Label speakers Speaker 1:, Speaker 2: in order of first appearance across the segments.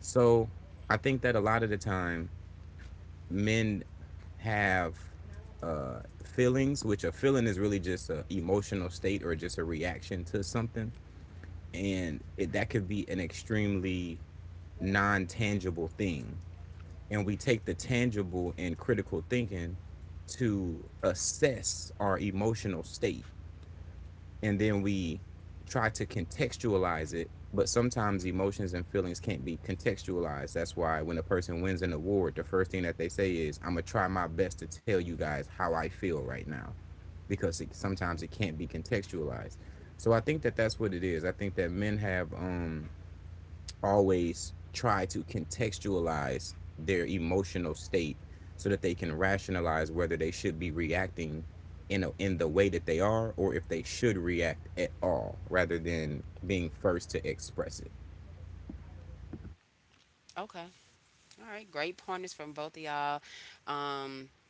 Speaker 1: So I think that a lot of the time, men have feelings, which a feeling is really just an emotional state or just a reaction to something, and that could be an extremely non tangible thing. And we take the tangible and critical thinking to assess our emotional state, and then we try to contextualize it, but sometimes emotions and feelings can't be contextualized. That's why when a person wins an award, the first thing that they say is, I'm gonna try my best to tell you guys how I feel right now, because sometimes it can't be contextualized. So I think that that's what it is. I think that men have always try to contextualize their emotional state so that they can rationalize whether they should be reacting in the way that they are, or if they should react at all, rather than being first to express it
Speaker 2: Okay. All right. Great pointers from both of y'all. Um,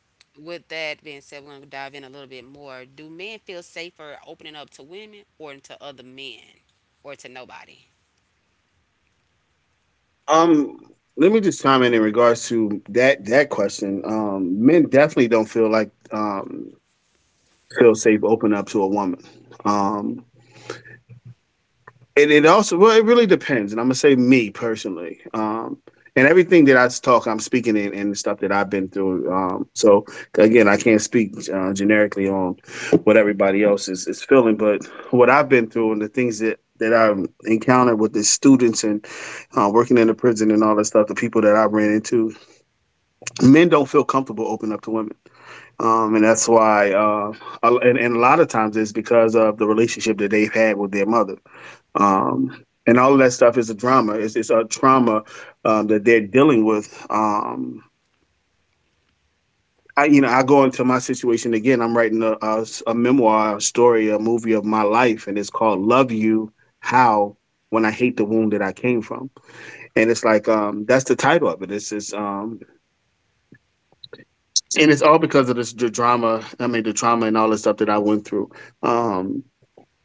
Speaker 2: with that being said, we're going to dive in a little bit more. Do men feel safer opening up to women or to other men or to nobody?
Speaker 3: Um, Let me just chime in regards to that question. Men definitely don't feel like feel safe opening up to a woman. Um, and it also well, it really depends. And I'm gonna say me personally. And everything that talk, I'm speaking in and the stuff that I've been through. So again, I can't speak generically on what everybody else is feeling, but what I've been through and the things that I've encountered with the students and working in the prison and all that stuff, the people that I ran into, men don't feel comfortable opening up to women. And that's why, a- and a lot of times it's because of the relationship that they've had with their mother. And all of that stuff is a drama. It's a trauma that they're dealing with. I go into my situation again. I'm writing a memoir, a story, a movie of my life, and it's called "Love You How When I Hate the Wound That I Came From." And it's like that's the title of it. And it's all because of this, the drama. I mean, the trauma and all the stuff that I went through. Um,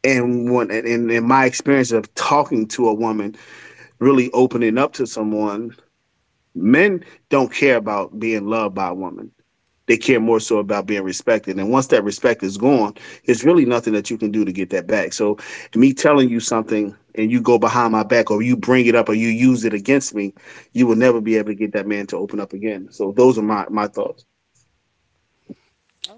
Speaker 3: and when and in my experience of talking to a woman, really opening up to someone, men don't care about being loved by a woman. They care more so about being respected. And once that respect is gone, it's really nothing that you can do to get that back. So, me telling you something and you go behind my back or you bring it up or you use it against me, you will never be able to get that man to open up again. So, those are my, my thoughts.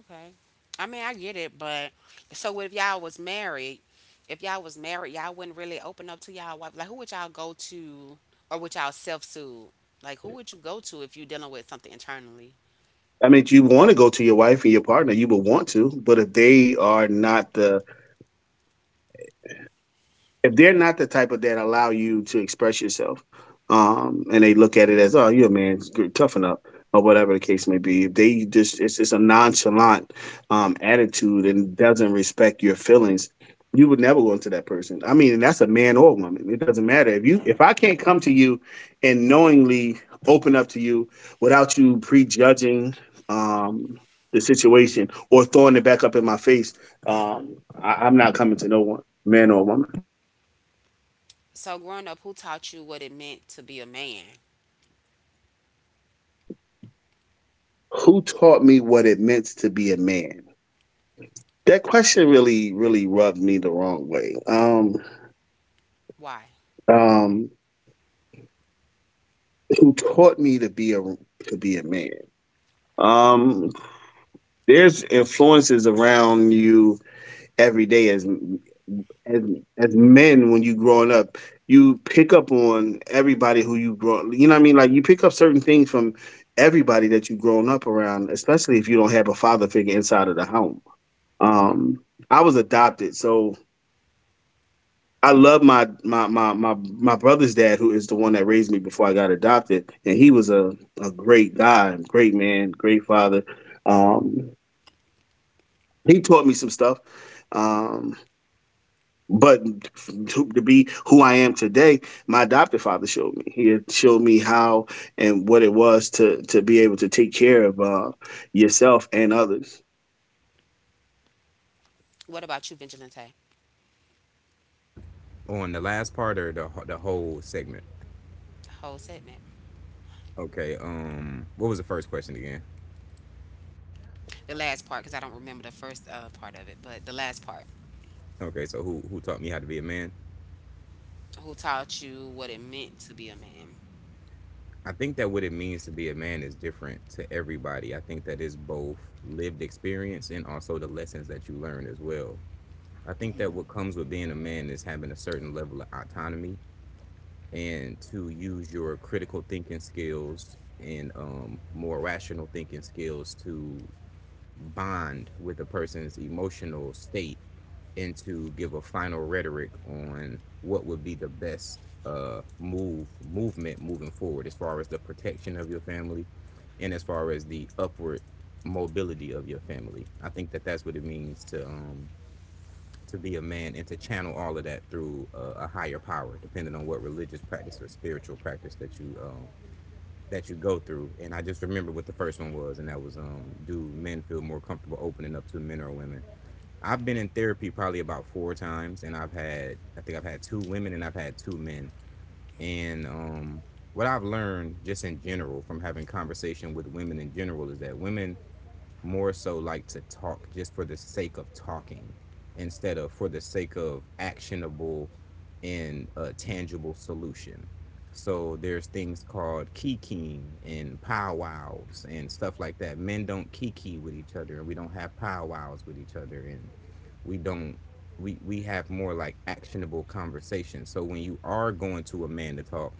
Speaker 2: Okay. I mean, I get it, but so if y'all was married, y'all wouldn't really open up to y'all wife. Like, who would y'all go to, or would y'all self soothe? Like, who would you go to if you dealing with something internally?
Speaker 3: I mean, you want to go to your wife and your partner, you would want to, but if they are not the if they're not the type of that allow you to express yourself, and they look at it as, oh, you're a man, it's toughen up, or whatever the case may be. If they just, it's a nonchalant attitude and doesn't respect your feelings, you would never go into that person. I mean, and that's a man or woman. It doesn't matter if you, if I can't come to you and knowingly open up to you without you prejudging. Um, the situation or throwing it back up in my face, I'm not coming to no one, man or woman.
Speaker 2: So, growing up, who taught you what it meant to be a man?
Speaker 3: Who taught me what it meant to be a man? That question really, really rubbed me the wrong way.
Speaker 2: Why?
Speaker 3: Um, who taught me to be a man? Um, there's influences around you every day as as men when you growing up, you pick up on everybody who you grow. You know what I mean? Like you pick up certain things from everybody that you've grown up around, especially if you don't have a father figure inside of the home. Um, I was adopted, so I love my brother's dad, who is the one that raised me before I got adopted, and he was a great guy, great man, great father. Um, he taught me some stuff, um, but to be who I am today, my adopted father showed me. He had showed me how and what it was to be able to take care of yourself and others.
Speaker 2: What about you, Vigilante?
Speaker 1: on the last part or the whole segment.
Speaker 2: The whole segment.
Speaker 1: Okay. What was the first question again?
Speaker 2: The last part, because I don't remember the first part of it, but the last part.
Speaker 1: Okay, so who taught me how to be a man.
Speaker 2: Who taught you what it meant to be a man?
Speaker 1: I think that what it means to be a man is different to everybody. I think that is both lived experience and also the lessons that you learn as well. I think that what comes with being a man is having a certain level of autonomy, and to use your critical thinking skills and more rational thinking skills to bond with a person's emotional state, and to give a final rhetoric on what would be the best movement moving forward as far as the protection of your family and as far as the upward mobility of your family. I think that that's what it means to be a man, and to channel all of that through a higher power, depending on what religious practice or spiritual practice that you go through. And I just remember what the first one was, and that was do men feel more comfortable opening up to men or women? I've been in therapy probably about four times, and I think I've had two women and I've had two men. And what I've learned just in general from having conversation with women in general is that women more so like to talk just for the sake of talking instead of for the sake of actionable and a tangible solution. So there's things called kikiing and powwows and stuff like that. Men don't kiki with each other and we don't have powwows with each other, and we don't we have more like actionable conversations. So when you are going to a man to talk,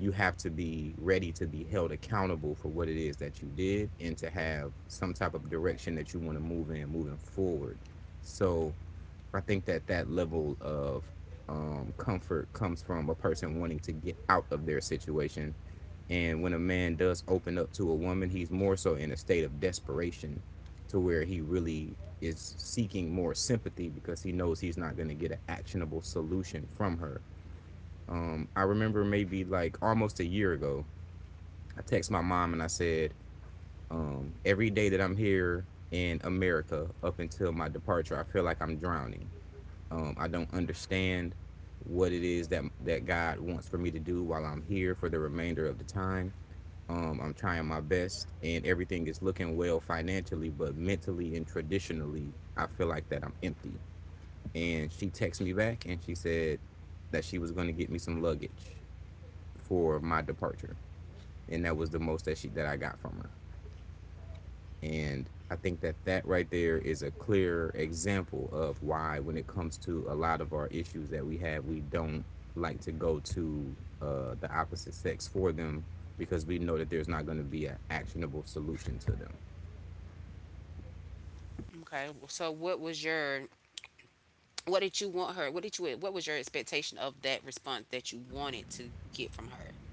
Speaker 1: you have to be ready to be held accountable for what it is that you did and to have some type of direction that you want to move in moving forward. So I think that that level of comfort comes from a person wanting to get out of their situation. And when a man does open up to a woman, he's more so in a state of desperation, to where he really is seeking more sympathy because he knows he's not going to get an actionable solution from her. I remember maybe like almost a year ago, I text my mom and I said, every day that I'm here in America up until my departure, I feel like I'm drowning. I don't understand what it is that God wants for me to do while I'm here for the remainder of the time. I'm trying my best, and everything is looking well financially, but mentally and traditionally, I feel like that I'm empty. And she texted me back, and she said that she was going to get me some luggage for my departure, and that was the most that I got from her. And I think that that right there is a clear example of why, when it comes to a lot of our issues that we have, we don't like to go to the opposite sex for them, because we know that there's not going to be an actionable solution to them.
Speaker 2: Okay. So, what did you want her? What did you? What was your expectation of that response that you wanted to get from her?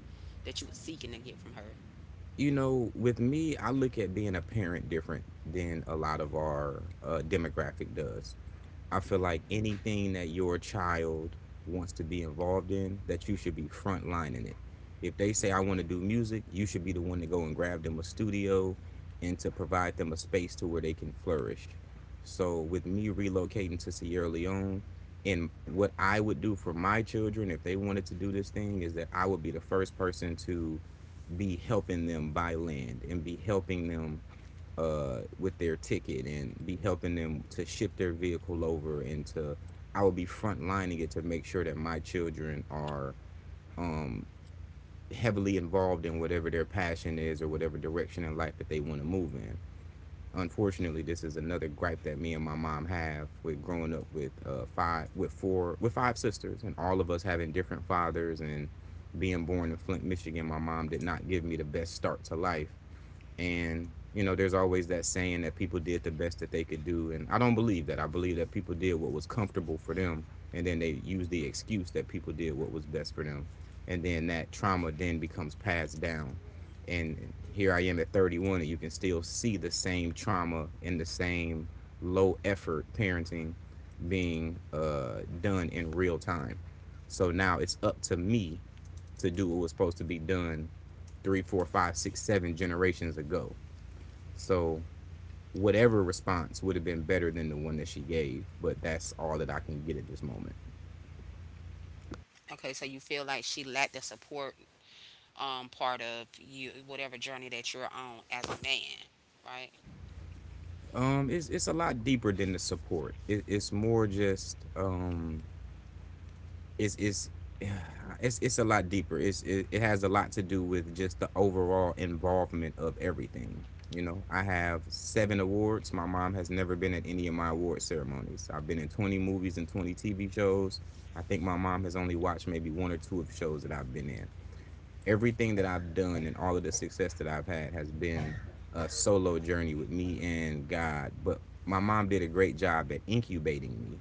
Speaker 2: That you were seeking to get from her?
Speaker 1: You know, with me, I look at being a parent different than a lot of our demographic does. I feel like
Speaker 2: Hmm.
Speaker 1: anything that your child wants to be involved in, that you should be frontlining it. If they say, I want to do music, you should be the one to go and grab them a studio and to provide them a space to where they can flourish. So, with me relocating to Sierra Leone, and what I would do for my children if they wanted to do this thing is that I would be the first person to be helping them buy land and be helping them with their ticket and be helping them to ship their vehicle over and to I will be frontlining it to make sure that my children are heavily involved in whatever their passion is or whatever direction in life that they want to move in. Unfortunately, this is another gripe that me and my mom have with growing up with with five sisters, and all of us having different fathers. And being born in Flint, Michigan, my mom did not give me the best start to life. And you know, there's always that saying that people did the best that they could do, and I don't believe that. I believe that people did what was comfortable for them, and then they used the excuse that people did what was best for them, and then that trauma then becomes passed down. And here I am at 31, and you can still see the same trauma and the same low effort parenting being done in real time. So now it's up to me to do what was supposed to be done three, four, five, six, seven generations ago. So whatever response would have been better than the one that she gave, but that's all that I can get at this moment.
Speaker 2: Okay, so you feel like she lacked the support, part of you, whatever journey that you're on as a man, right?
Speaker 1: It's a lot deeper than the support. It's more just it's it's it's it's a lot deeper. It has a lot to do with just the overall involvement of everything. You know, I have seven awards. My mom has never been at any of my award ceremonies. I've been in 20 movies and 20 TV shows. I think my mom has only watched maybe one or two of the shows that I've been in. Everything that I've done and all of the success that I've had has been a solo journey with me and God. But my mom did a great job at incubating me.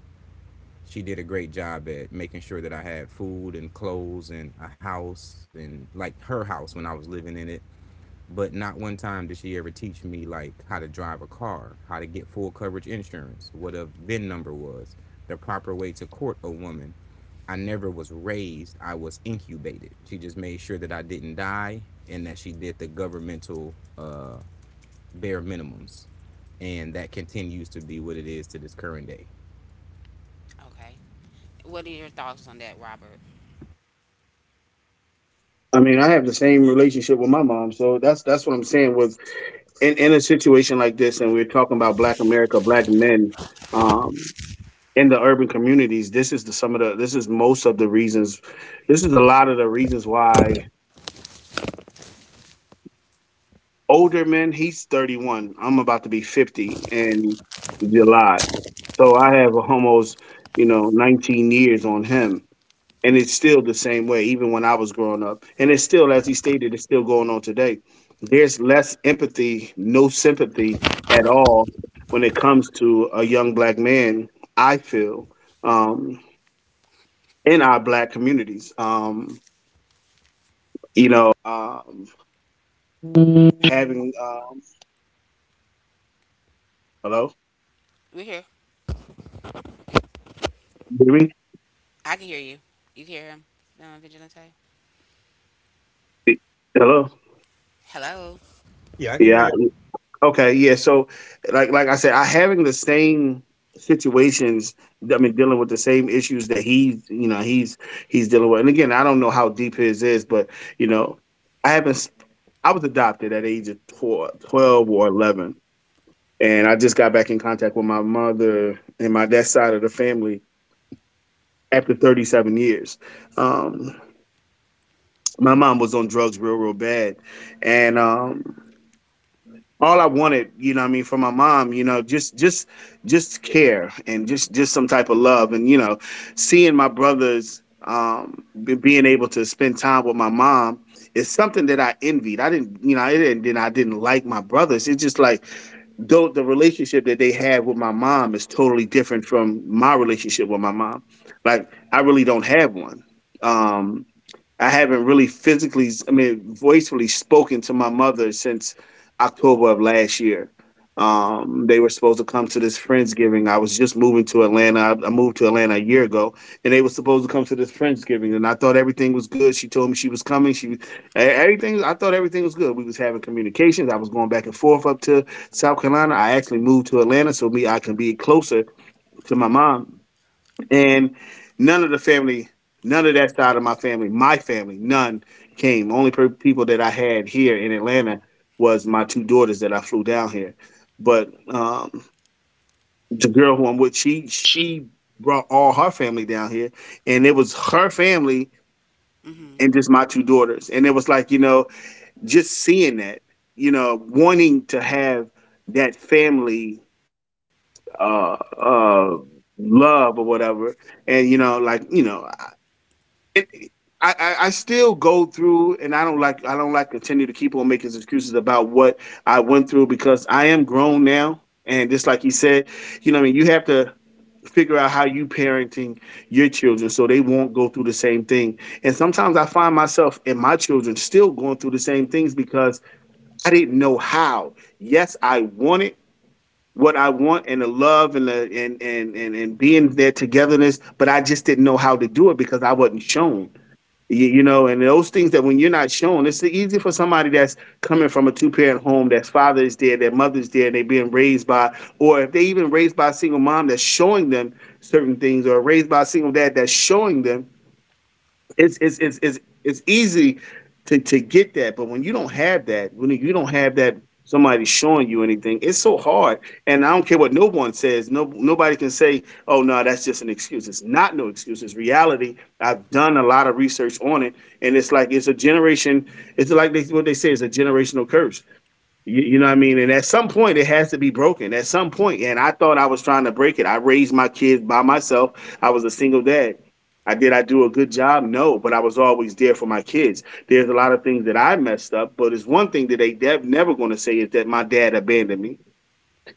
Speaker 1: She did a great job at making sure that I had food and clothes and a house and like her house when I was living in it. But not one time did she ever teach me like how to drive a car, how to get full coverage insurance, what a VIN number was, the proper way to court a woman. I never was raised, I was incubated. She just made sure that I didn't die and that she did the governmental bare minimums. And that continues to be what it is to this current day.
Speaker 2: Okay. What are your thoughts on that, Robert?
Speaker 3: I mean, I have the same relationship with my mom, so that's what I'm saying with in a situation like this, and we're talking about Black America, Black men um, in the urban communities. This is the some of the. This is most of the reasons. This is a lot of the reasons why older men. He's 31. I'm about to be 50 in July, so I have almost you know 19 years on him, and it's still the same way even when I was growing up, and it's still as he stated, it's still going on today. There's less empathy, no sympathy at all when it comes to a young Black man, I feel, um, in our Black communities.
Speaker 2: We're here. I can hear you. You can hear him, Vigilante?
Speaker 3: Y- Hello.
Speaker 2: Hello.
Speaker 1: Yeah, I can hear.
Speaker 3: Yeah. Okay. Yeah. So, like I said, I having the same situations. I mean, dealing with the same issues that he's, he's dealing with. And again, I don't know how deep his is, but you know, I haven't. S- I was adopted at age of 12, twelve or 11, and I just got back in contact with my mother and my that side of the family after 37 years. Um, my mom was on drugs real, real bad, and all I wanted, you know what I mean, from my mom, you know, just just care and just some type of love. And you know, seeing my brothers being able to spend time with my mom is something that I envied. I didn't, you know, I didn't then I didn't like my brothers. It's just like though the relationship that they had with my mom is totally different from my relationship with my mom. Like I really don't have one. Um I haven't really physically, I mean, voicefully spoken to my mother since October of last year. They were supposed to come to this Friendsgiving. I was just moving to Atlanta. I moved to Atlanta a year ago, and they were supposed to come to this Friendsgiving. And I thought everything was good. She told me she was coming. Everything. I thought everything was good. We was having communications. I was going back and forth up to South Carolina. I actually moved to Atlanta so me I can be closer to my mom, and none of the family, none of that side of my family, none came. Only people that I had here in Atlanta was my two daughters that I flew down here. But the girl who I'm with, she brought all her family down here, and it was her family and
Speaker 2: Hmm.
Speaker 3: just my two daughters. And it was like you know, just seeing that, you know, wanting to have that family uh uh love or whatever. And you know like you know it, I still go through, and I don't like continue to keep on making excuses about what I went through because I am grown now, and just like he said, you know, what I mean, you have to figure out how you parenting your children so they won't go through the same thing. And sometimes I find myself and my children still going through the same things because I didn't know how. Yes, I wanted what I want and the love and the and being there togetherness, but I just didn't know how to do it because I wasn't shown. You know, and those things that when you're not shown, it's easy for somebody that's coming from a two parent home, that's father is there, their mother's there, and they're being raised by, or if they even raised by a single mom that's showing them certain things, or raised by a single dad that's showing them it's easy to get that, but when you don't have that, when you don't have that somebody showing you anything, it's so hard. And I don't care what no one says, no nobody can say, "Oh no, that's just an excuse." It's not no excuse. It's reality. I've done a lot of research on it, and it's like it's a generation. It's like they, what they say is a generational curse. You know what I mean? And at some point, it has to be broken. At some point, and I thought I was trying to break it. I raised my kids by myself. I was a single dad. I do a good job? No, but I was always there for my kids. There's a lot of things that I messed up, but it's one thing that they never going to say is that my dad abandoned me.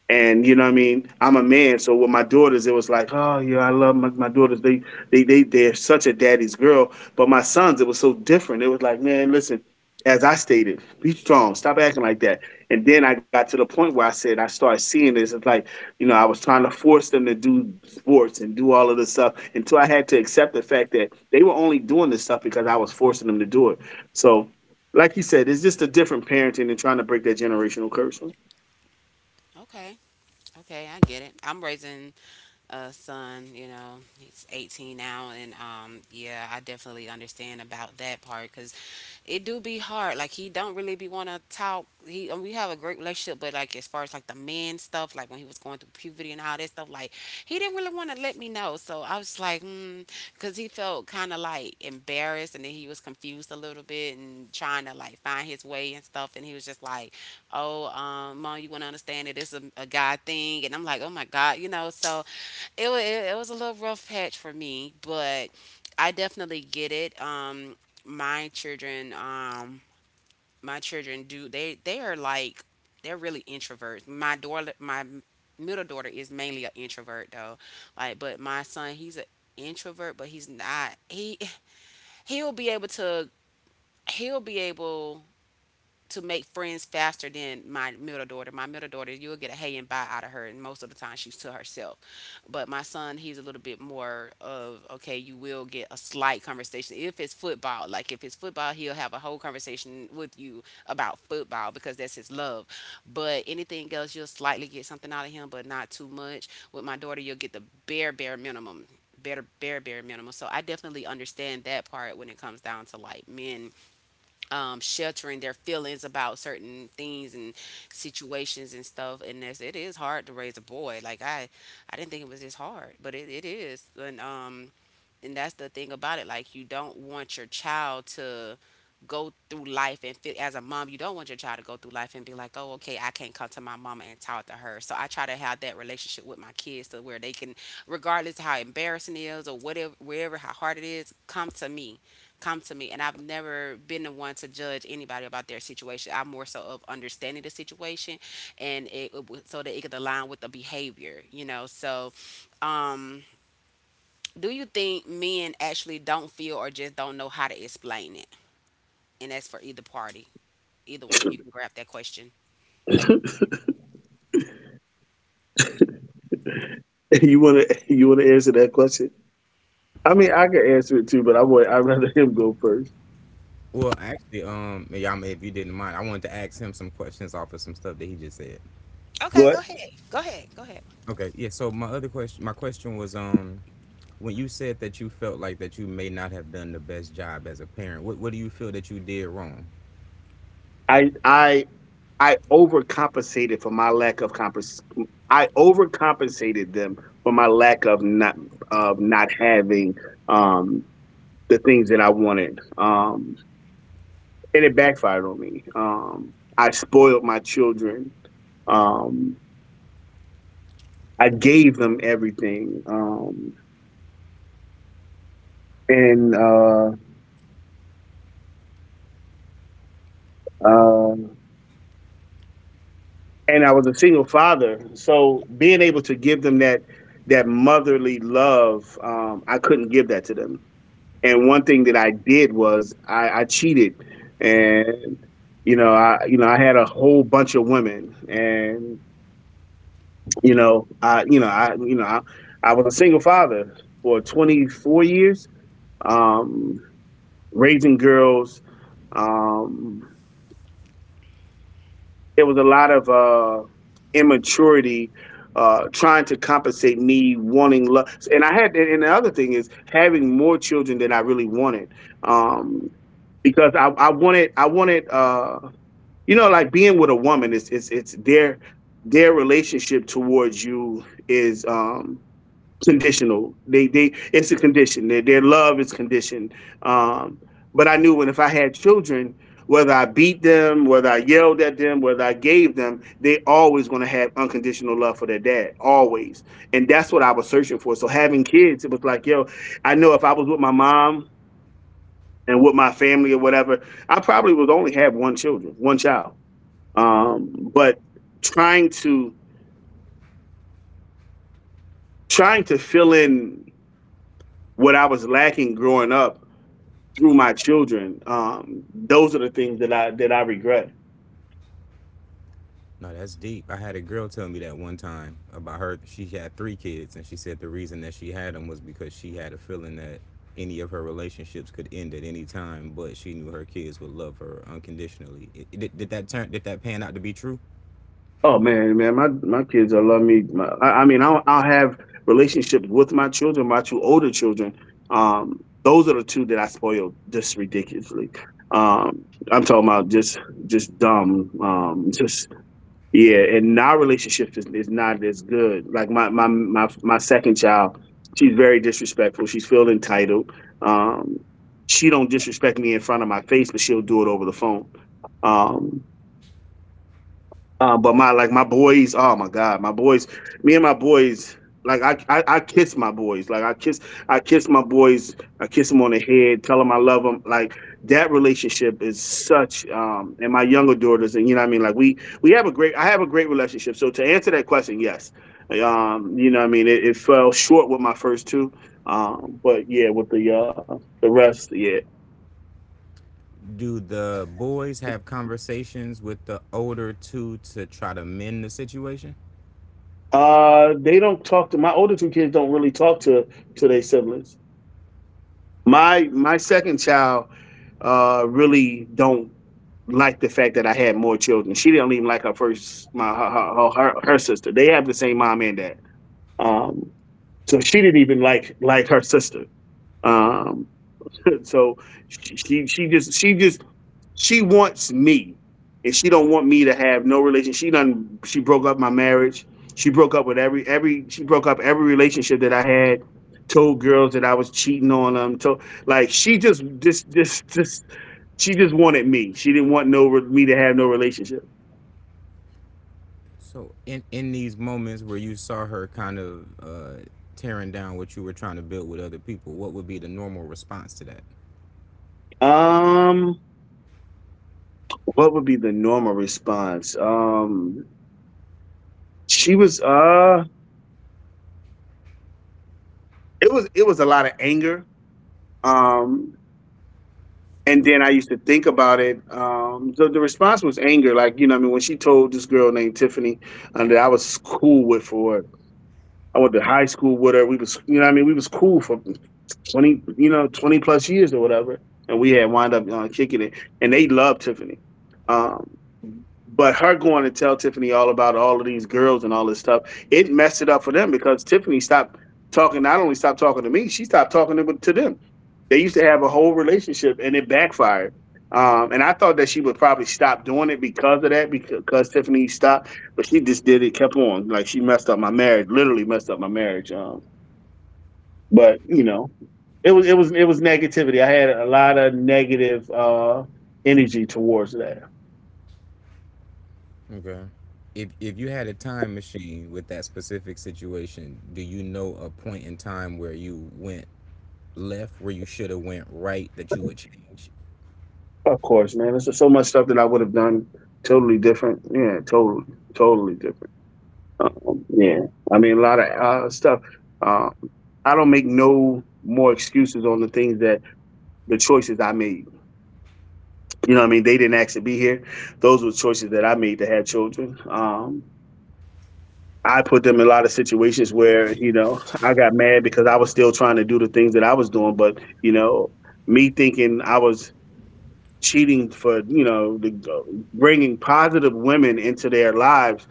Speaker 3: And you know what I mean? I'm a man, so with my daughters, it was like, oh yeah, I love my, my daughters. They they're such a daddy's girl. But my sons, it was so different. It was like, man, listen, as I stated, be strong, stop acting like that. And then I got to the point where I said I started seeing this. It's like, I was trying to force them to do sports and do all of this stuff until I had to accept the fact that they were only doing this stuff because I was forcing them to do it. So like you said, it's just a different parenting and trying to break that generational curse.
Speaker 2: Okay. Okay, I get it. I'm raising son. You know, he's 18 now, and yeah, I definitely understand about that part because it do be hard. Like he don't really be want to talk. He and we have a great relationship, but like as far as like the man stuff, like when he was going through puberty and all that stuff, like he didn't really want to let me know. So I was like, hmm, because he felt kind of like embarrassed, and then he was confused a little bit and trying to like find his way and stuff. And he was just like, oh, mom, you want to understand that it's a guy thing, and I'm like, oh my god, you know. So it, was it, it was a little rough patch for me, but I definitely get it. My children, my children do they are like they're really introverts. My daughter, my middle daughter is mainly an introvert though. Like, but my son, he's an introvert, but he's not. He'll be able to. He'll be able to make friends faster than my middle daughter. My middle daughter, you'll get a hey and bye out of her, and most of the time she's to herself. But my son, he's a little bit more of okay, you will get a slight conversation if it's football. Like if it's football, he'll have a whole conversation with you about football because that's his love. But anything else, you'll slightly get something out of him, but not too much. With my daughter, you'll get the bare minimum. Bare minimum. So I definitely understand that part when it comes down to like men sheltering their feelings about certain things and situations and stuff. And that's, it is hard to raise a boy. I didn't think it was this hard, but it is. And that's the thing about it, like you don't want your child to go through life and feel, as a mom, you don't want your child to go through life and be like, oh okay, I can't come to my mama and talk to her. So I try to have that relationship with my kids to where they can, regardless how embarrassing it is or whatever, wherever how hard it is, come to me. And I've never been the one to judge anybody about their situation. I'm more so of understanding the situation, and it so that it could align with the behavior, you know. So um, do you think men actually don't feel or just don't know how to explain it? And that's for either party. Either one of you can grab that question.
Speaker 3: You want to answer that question? I mean, I can answer it too, but I would rather him go first.
Speaker 1: Yama, if you didn't mind, I wanted to ask him some questions off of some stuff that he just said.
Speaker 2: Okay,
Speaker 3: But
Speaker 2: go ahead. Go ahead.
Speaker 1: Okay, yeah. So my other question, my question was, when you said that you felt like that you may not have done the best job as a parent, what do you feel that you did wrong?
Speaker 3: I I I overcompensated for my lack of compens. I overcompensated them for my lack of not having um the things that I wanted. And it backfired on me. I spoiled my children. Um, I gave them everything. And um, and I was a single father. So being able to give them that motherly love, I couldn't give that to them. And one thing that I did was I cheated, and you know I had a whole bunch of women, and you know I you know I you know I was a single father for 24 years, um, raising girls. Um, there was a lot of immaturity trying to compensate me wanting love. And I had, and the other thing is having more children than I really wanted, um, because I wanted, you know, like being with a woman is, it's their relationship towards you. Is. Conditional. They it's a condition. Their love is conditioned. Um, but I knew when if I had children, whether I beat them, whether I yelled at them, whether I gave them, they always going to have unconditional love for their dad, always. And that's what I was searching for. So having kids, it was like, yo, I know if I was with my mom and with my family or whatever, I probably would only have one children, one child. But trying to trying to fill in what I was lacking growing up through my children. Those are the things that I regret.
Speaker 1: No, that's deep. I had a girl tell me that one time about her. She had three kids, and she said the reason that she had them was because she had a feeling that any of her relationships could end at any time, but she knew her kids would love her unconditionally. Did that turn? Did that pan out to be true?
Speaker 3: Oh man, man, my kids, I love me. My, I mean, I'll have relationships with my children, my two older children. Those are the two that I spoiled just ridiculously. Um, I'm talking about just dumb, just. Yeah, and our relationship is not as good. Like my second child, she's very disrespectful. She's feel entitled. Um, she don't disrespect me in front of my face, but she'll do it over the phone. Um, but my like my boys, oh my god, my boys, me and my boys, like I kiss my boys, like I kiss my boys, I kiss them on the head, tell them I love them. Like that relationship is such, and my younger daughters, and you know what I mean. Like we have a great, I have a great relationship. So to answer that question, yes, you know what I mean. It fell short with my first two, but yeah, with the rest, yeah.
Speaker 1: Do the boys have conversations with the older two to try to mend the situation?
Speaker 3: They don't talk to my older two kids. Don't really talk to their siblings. My second child really don't like the fact that I had more children. She didn't even like her first my her her, her, her sister. They have the same mom and dad. Um so she didn't even like her sister. Um so she she just she just she wants me, and she don't want me to have no relation. She done. She broke up my marriage. She broke up with every. She broke up every relationship that I had. Told girls that I was cheating on them. Told like she just. She just wanted me. She didn't want no re- me to have no relationship.
Speaker 1: So in these moments where you saw her kind of tearing down what you were trying to build with other people, what would be the normal response to that?
Speaker 3: Um, what would be the normal response? She was it was it was a lot of anger. Um, and then I used to think about it. So the response was anger. Like, you know what I mean, when she told this girl named Tiffany that I was cool with for I went to high school with her. We was, you know what I mean, we was cool for 20, you know, 20 plus years or whatever, and we had wind up kicking it. And they loved Tiffany, um, but her going to tell Tiffany all about all of these girls and all this stuff, it messed it up for them because Tiffany stopped talking. Not only stopped talking to me, she stopped talking to them. They used to have a whole relationship, and it backfired. And I thought that she would probably stop doing it because of that, because Tiffany stopped, but she just did it, kept on. Like she messed up my marriage, literally messed up my marriage. But you know, it was it was negativity. I had a lot of negative energy towards that.
Speaker 1: Okay. If you had a time machine with that specific situation, do you know a point in time where you went left where you should have went right that you would change?
Speaker 3: Of course, man. There's just so much stuff that I would have done totally different. Yeah, totally different. Yeah, I mean a lot of stuff. Um, I don't make no more excuses on the things that the choices I made. You know what I mean? They didn't actually be here. Those were choices that I made to have children. I put them in a lot of situations where, you know, I got mad because I was still trying to do the things that I was doing. But, you know, me thinking I was cheating for, you know, bringing positive women into their lives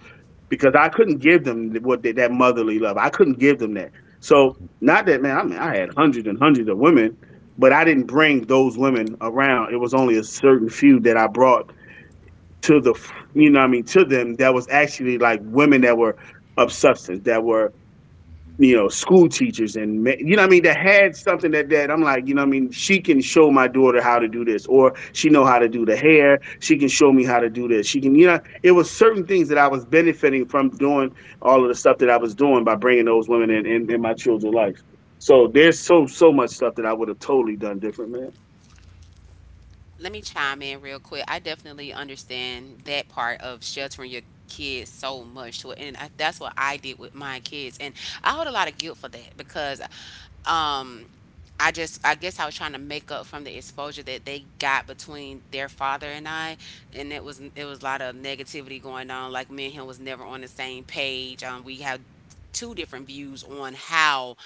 Speaker 3: because I couldn't give them what they, that motherly love. I couldn't give them that. So, not that, man, I mean, I had hundreds and hundreds of women, but I didn't bring those women around. It was only a certain few that I brought to the, you know what I mean, to them that was actually like women that were of substance, that were you know,
Speaker 1: Mm-hmm.
Speaker 3: school teachers and ma- you know what I mean that had something that that I'm like, you know what I mean, she can show my daughter how to do this or she know how to do the hair, she can show me how to do this. She can, you know, it was certain things that I was benefiting from doing all of the stuff that I was doing by bringing those women in my children's life. So there's so so much stuff that I would have totally done different, man.
Speaker 2: Let me chime in real quick. I definitely understand that part of sheltering your kids so much to it, and that's what I did with my kids, and I hold a lot of guilt for that because um I just, I guess I was trying to make up from the exposure that they got between their father and I, and it was a lot of negativity going on. Like me and him was never on the same page. We have two different views on how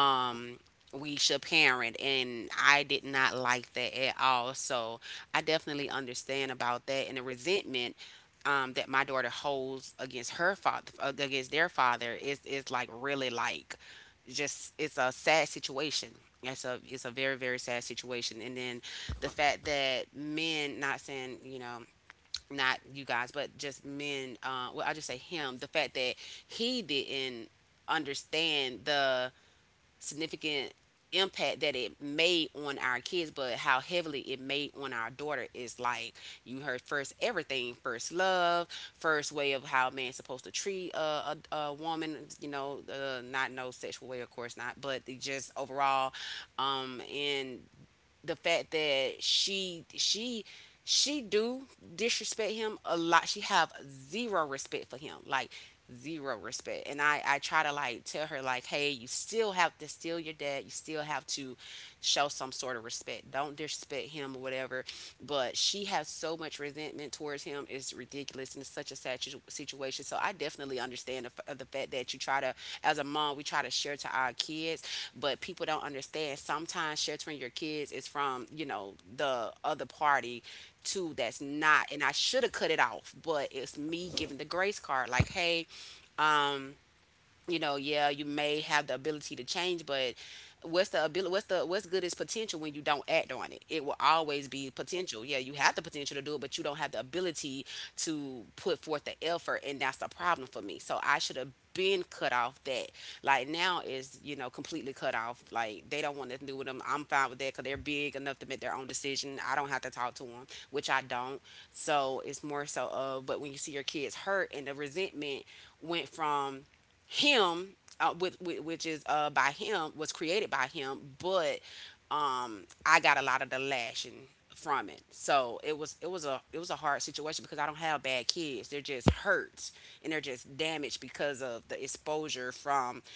Speaker 2: um we should parent, and I did not like that at all. So I definitely understand about that. And the resentment that my daughter holds against her father, against their father is like really like just, it's a sad situation. It's a very very sad situation. And then the fact that men, not saying, you know, not you guys, but just men. Well, I just say him. The fact that he didn't understand the significant impact that it made on our kids, but how heavily it made on our daughter is like, you heard first everything, first love, first way of how a man's supposed to treat a woman, you know, not no sexual way, of course not, but the just overall, and the fact that she do disrespect him a lot. She have zero respect for him, like zero respect. And I try to like tell her like, hey, you still have to steal your dad. You still have to show some sort of respect. Don't disrespect him or whatever. But she has so much resentment towards him is ridiculous, and it's such a situation. So I definitely understand the, of the fact that you try to, as a mom, we try to share to our kids, but people don't understand. Sometimes sheltering your kids is from, you know, the other party too that's not, and I should have cut it off. But it's me giving the grace card like, hey, um, you know, yeah, you may have the ability to change, but what's the ability? what's the, what's good is potential when you don't act on it. It will always be potential. Yeah, you have the potential to do it, but you don't have the ability to put forth the effort, and that's the problem for me. So I should have been cut off that. Like now is, you know, completely cut off. Like they don't want nothing to do with them. I'm fine with that because they're big enough to make their own decision. I don't have to talk to them, which I don't. So it's more so of. But when you see your kids hurt, and the resentment went from him with which is by him, was created by him, but I got a lot of the lashing from it. So it was a it was a hard situation because I don't have bad kids, they're just hurt, and they're just damaged because of the exposure from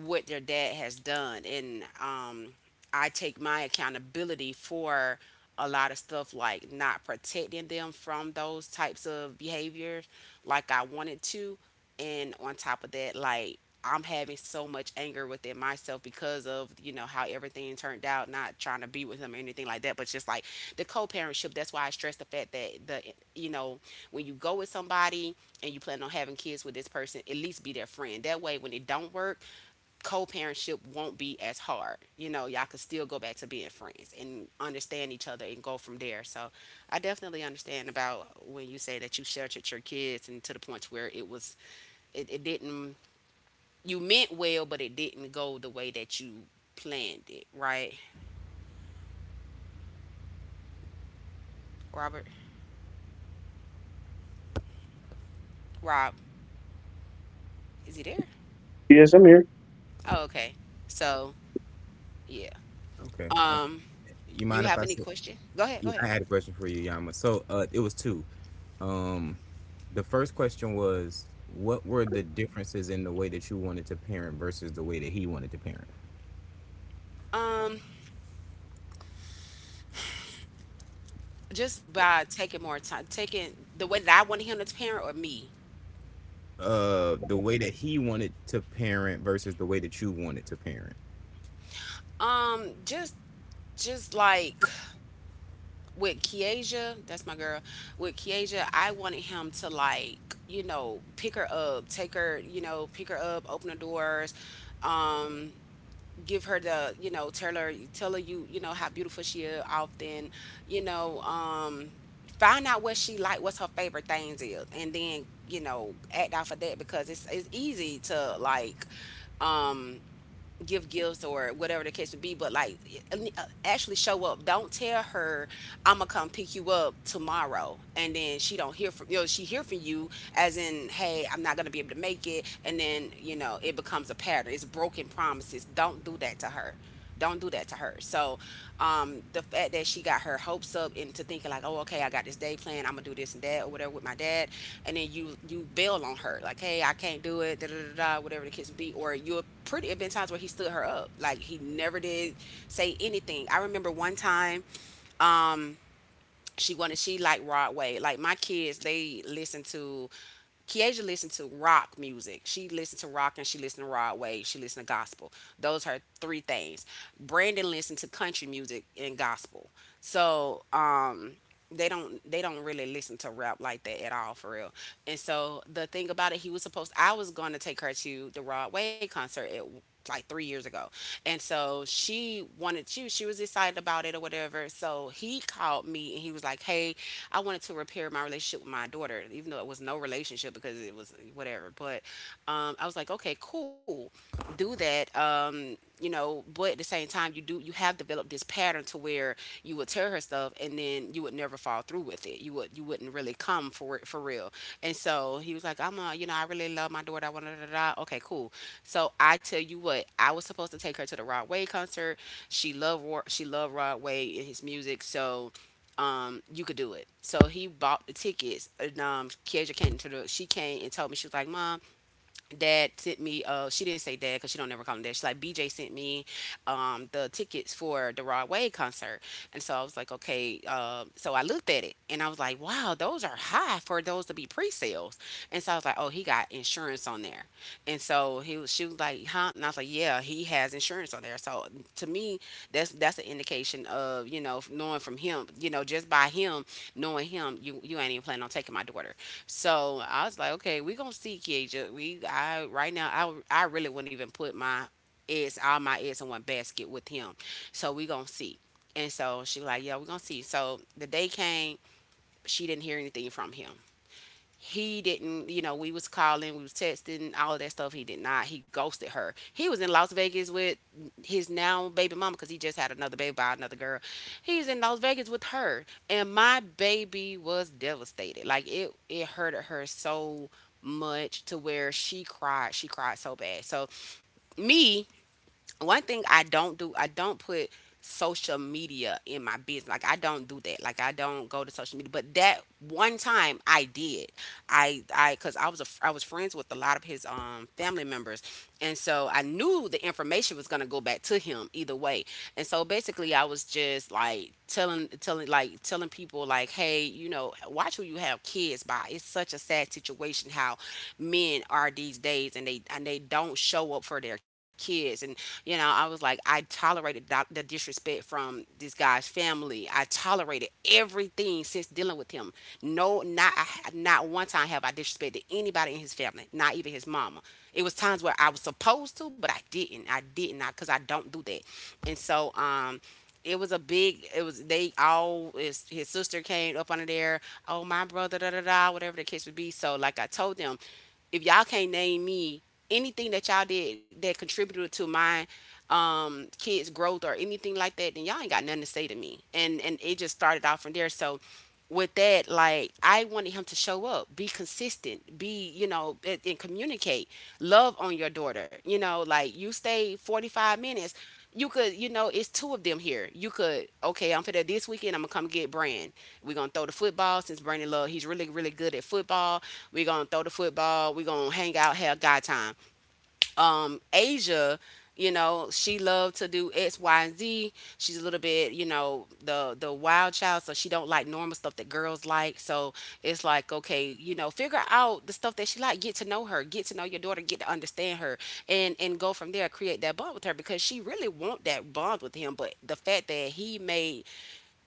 Speaker 2: what their dad has done. And I take my accountability for a lot of stuff, like not protecting them from those types of behaviors like I wanted to. And on top of that, like I'm having so much anger within myself because of, you know, how everything turned out, not trying to be with him or anything like that, but just like the co parentship. That's why I stress the fact that you know, when you go with somebody and you plan on having kids with this person, at least be their friend. That way when it don't work, co-parentship won't be as hard. You know, y'all could still go back to being friends and understand each other and go from there. So I definitely understand about when you say that you sheltered your kids and to the point where it didn't, you meant well but it didn't go the way that you planned it, right? Robert, Rob, is he there?
Speaker 3: Yes, I'm here.
Speaker 2: Oh, okay. So yeah.
Speaker 1: Okay.
Speaker 2: Um
Speaker 1: You
Speaker 2: you
Speaker 1: mind if I
Speaker 2: have any
Speaker 1: s-
Speaker 2: question? Go ahead, go
Speaker 1: Yeah, I
Speaker 2: ahead.
Speaker 1: had a question for you, Yama. So it was two. Um, the first question was, what were the differences in the way that you wanted to parent versus the way that he wanted to parent?
Speaker 2: Um, just by taking more time, taking the way that I wanted him to parent or me.
Speaker 1: The way that he wanted to parent versus the way that you wanted to parent.
Speaker 2: Um, just just like with Kiesha, that's my girl. With Kiesha, I wanted him to like, you know, pick her up, take her, you know, pick her up, open the doors, um, give her the, you know, tell her you, you know, how beautiful she is often, you know, um, find out what she like, what's her favorite things is, and then, you know, act off of that because it's easy to like, um give gifts or whatever the case would be but like actually show up, don't tell her I'm gonna come pick you up tomorrow and then she don't hear from, you know, she hear from you as in hey I'm not gonna be able to make it, and then you know it becomes a pattern, it's broken promises. Don't do that to her, don't do that to her. So, the fact that she got her hopes up into thinking like, oh, okay, I got this day plan, I'm gonna do this and that or whatever with my dad, and then you bail on her like, hey, I can't do it, da da da da, whatever the kids be, or you're pretty. It been times where he stood her up, like he never did say anything. I remember one time she liked Rod Wave. Like my kids, they listen to, Kiesha listened to rock music. She listened to rock and she listened to Rod Wave. She listened to gospel. Those are her three things. Brandon listened to country music and gospel. So they don't really listen to rap like that at all for real. And so the thing about it, he was supposed I was going to take her to the Rod Wave concert at like 3 years ago, and so she wanted to. She was excited about it or whatever. So he called me and he was like, "Hey, I wanted to repair my relationship with my daughter, even though it was no relationship because it was whatever." But I was like, "Okay, cool, do that." You know, but at the same time, you have developed this pattern to where you would tell her stuff and then you would never follow through with it. You wouldn't really come for it for real. And so he was like, I'm a, you know, I really love my daughter. I want to da, da, da. Okay cool. So I tell you what, I was supposed to take her to the Rod Wave concert. She loved Rod Wave and his music. So you could do it. So he bought the tickets. And Kiesha came to the, she came and told me she was like, "Mom, dad sent me she didn't say dad because she don't never call him dad, she's like, BJ sent me the tickets for the Rod Wave concert." And so I was like, okay, so I looked at it and I was like, wow, those are high for those to be pre-sales. And so I was like, oh, he got insurance on there. And so he was she was like, huh? And I was like, yeah, he has insurance on there. So to me, that's an indication of, you know, knowing from him, you know, just by him knowing him, you ain't even planning on taking my daughter. So I was like, okay, we gonna see Keisha. We I right now I really wouldn't even put my eggs all my eggs in one basket with him. So we gonna see. And so she was like, yeah, we gonna see. So the day came, she didn't hear anything from him. He didn't, you know, we was calling, we was texting, all of that stuff. He did not, he ghosted her. He was in Las Vegas with his now baby mama because he just had another baby by another girl. He's in Las Vegas with her and my baby was devastated, like it hurted her so much to where she cried, she cried so bad. So me, one thing I don't do, I don't put social media in my business. Like I don't do that. Like I don't go to social media. But that one time I did. I Cuz I was friends with a lot of his family members. And so I knew the information was going to go back to him either way. And so basically, I was just like telling people, like, hey, you know, watch who you have kids by. It's such a sad situation how men are these days, and they don't show up for their kids. And you know, I was like, I tolerated the disrespect from this guy's family. I tolerated everything since dealing with him. No, not one time have I disrespected anybody, nobody in his family, not even his mama. It was times where I was supposed to, but I didn't. I didn't because I don't do that. And so it was a big, it was, they all, his sister came up under there, oh my brother, da da da, whatever the case would be. So like I told them, if y'all can't name me anything that y'all did that contributed to my kids growth or anything like that, then y'all ain't got nothing to say to me. And it just started off from there. So with that, like, I wanted him to show up, be consistent, be, you know, and communicate, love on your daughter, you know, like you stay 45 minutes. You know, it's two of them here. You could, okay, I'm for that this weekend, I'm gonna come get Brand. We're gonna throw the football since Brandon Love, he's really, really good at football. We're gonna throw the football. We're gonna hang out, have guy time. Asia, you know, she loved to do X, Y, and Z. She's a little bit, you know, the wild child, so she don't like normal stuff that girls like. So it's like, okay, you know, figure out the stuff that she like. Get to know her, get to know your daughter, get to understand her, and go from there. Create that bond with her because she really want that bond with him. But the fact that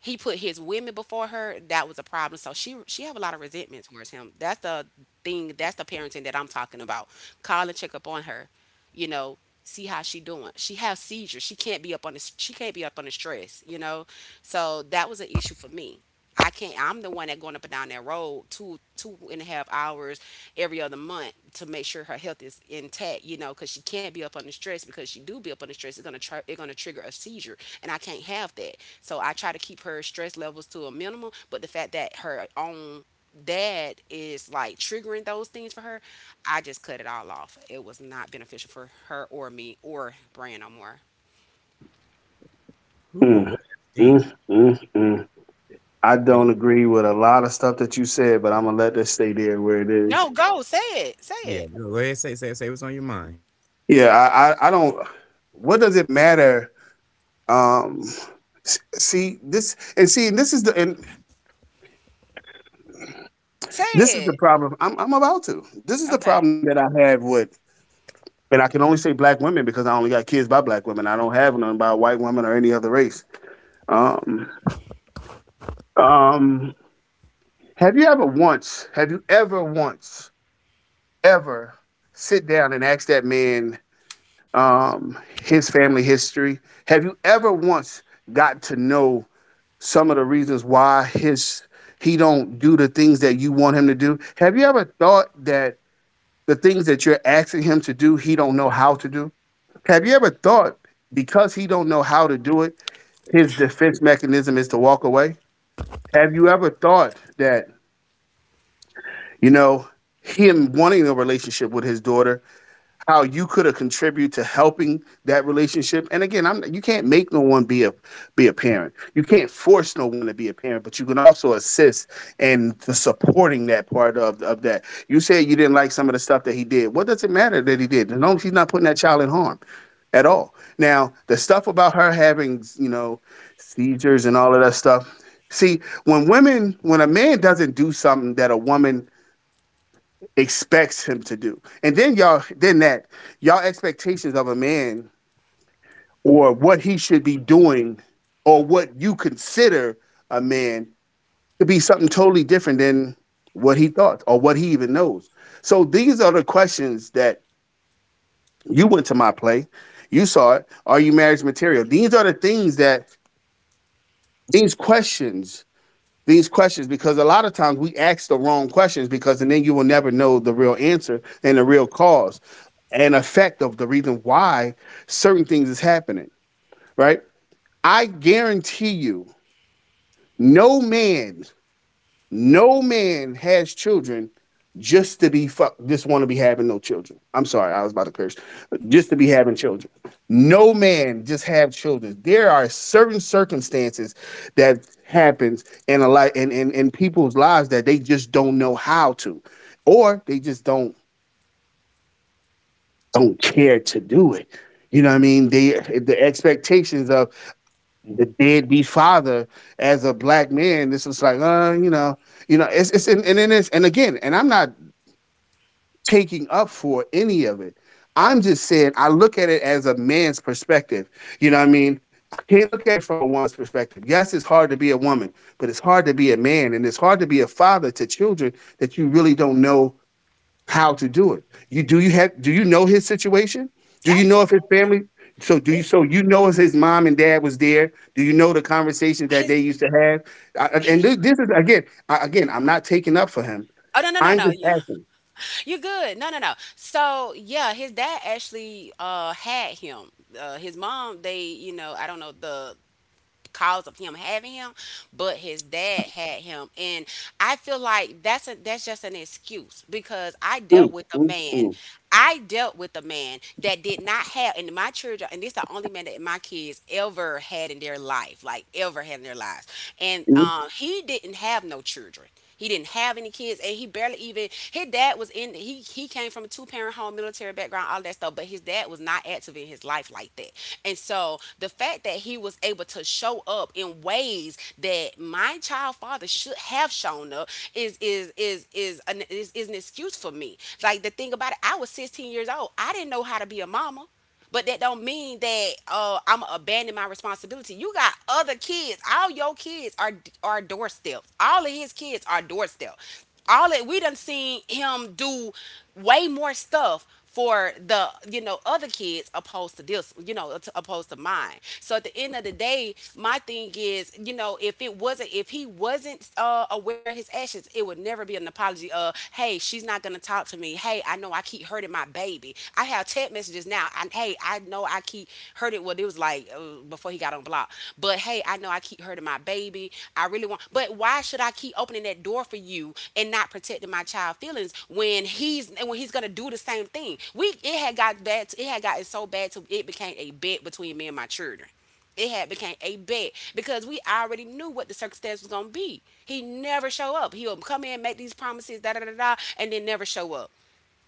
Speaker 2: he put his women before her, that was a problem. So she have a lot of resentment towards him. That's the thing, that's the parenting that I'm talking about. Call and check up on her, you know, see how she doing. She have seizures, she can't be up on this, she can't be up on the stress, you know. So that was an issue for me. I can't. I'm the one that going up and down that road two, two and a half hours every other month to make sure her health is intact. You know, because she can't be up under stress because she do be up under stress. It's gonna try, it's gonna trigger a seizure, and I can't have that. So I try to keep her stress levels to a minimum. But the fact that her own dad is like triggering those things for her, I just cut it all off. It was not beneficial for her or me or Brian no more.
Speaker 1: Ooh,
Speaker 3: Mm,
Speaker 1: boy, that's deep.
Speaker 3: mm, mm, mm. I
Speaker 1: Man.
Speaker 3: don't agree with a lot of stuff that you said, but I'm gonna let this stay there where it is.
Speaker 2: No, go say it. Say
Speaker 1: Yeah,
Speaker 2: it.
Speaker 1: go ahead. Say say what's on your mind.
Speaker 3: Yeah, I don't. What does it matter? Um, S- see this, and see, and this is the, and
Speaker 2: Say
Speaker 3: this is the
Speaker 2: it.
Speaker 3: problem. I'm about to. This is the
Speaker 2: Okay.
Speaker 3: problem that I have with, and I can only say black women because I only got kids by black women. I don't have none by white women or any other race. Um, um, have you ever once? Have you ever once? Ever sit down and ask that man his family history? Have you ever once got to know some of the reasons why his he don't do the things that you want him to do? Have you ever thought that the things that you're asking him to do, he don't know how to do? Have you ever thought because he don't know how to do it, his defense mechanism is to walk away? Have you ever thought that, you know, him wanting a relationship with his daughter how you could have contributed to helping that relationship. And again, I'm you can't make no one be a parent. You can't force no one to be a parent, but you can also assist in the supporting that part of that. You said you didn't like some of the stuff that he did. What does it matter that he did? As long as he's not putting that child in harm at all. Now, the stuff about her having, you know, seizures and all of that stuff. See, when women, when a man doesn't do something that a woman expects him to do. And then y'all, then that y'all expectations of a man or what he should be doing or what you consider a man could be something totally different than what he thought or what he even knows. So these are the questions that you went to my play. You saw it. Are you marriage material? These are the things that these questions these questions because a lot of times we ask the wrong questions because and then you will never know the real answer and the real cause and effect of the reason why certain things is happening, right? I guarantee you, no man, no man has children just to be fuck— just want to be having no children. I'm sorry, I was about to curse. Just to be having children. No man just have children. There are certain circumstances that happens in a life in people's lives that they just don't know how to. Or they just don't care to do it. You know what I mean? They— if the expectations of the deadbeat father as a black man. This is like, you know, it's and then it's and again, and I'm not taking up for any of it. I'm just saying I look at it as a man's perspective. You know what I mean? I can't look at it from a woman's perspective. Yes, it's hard to be a woman, but it's hard to be a man, and it's hard to be a father to children that you really don't know how to do it. You do you have do you know his situation? Do you know if his
Speaker 2: Absolutely.
Speaker 3: family— so do you
Speaker 2: it,
Speaker 3: so you know if his mom and dad was there? Do you know the conversations that they
Speaker 2: his,
Speaker 3: used to have? I- I-
Speaker 2: he-
Speaker 3: and this is again, again, I'm not taking up for him.
Speaker 2: oh, no no no
Speaker 3: I'm
Speaker 2: no,
Speaker 3: just
Speaker 2: you
Speaker 3: asking.
Speaker 2: you're good, no no no. So yeah, his dad actually had him, his mom, they, you know, I don't know the cause of him having him, but his dad had him. And I feel like that's a that's just an excuse because
Speaker 3: Mm, mm, mm,
Speaker 2: I dealt with a man that did not have, and my children, and this the only man that my kids ever had in their life, like ever had in their lives. And
Speaker 3: mm.
Speaker 2: he didn't have no children. He didn't have any kids, and he barely, even his dad was in, he came from a two parent home, military background, all that stuff. But his dad was not active in his life like that. And so the fact that he was able to show up in ways that my child father should have shown up is an excuse for me. Like the thing about it, I was 16 years old. I didn't know how to be a mama. But that don't mean that I'm abandoning my responsibility. You got other kids. All your kids are doorsteps. All of his kids are doorstep. All that we done seen him do way more stuff for the other kids opposed to this you know to- opposed to mine. So at the end of the day, my thing is, if it wasn't if he wasn't aware of his actions, it would never be an apology. Hey, she's not gonna talk to me. Hey, I know I keep hurting my baby be. I have text messages now. And hey, I know I keep hurting. Well, it was like before he got on block. But hey, I know I keep hurting my baby. I really want. But why should I keep opening that door for you and not protecting my child feelings when he's gonna do the same thing? We it had got bad. To, it had gotten so bad to it became a bet between me and my children it had became a bet because we already knew what the circumstance was gonna be. He never show up. He'll come in, make these promises, da da da da, and then never show up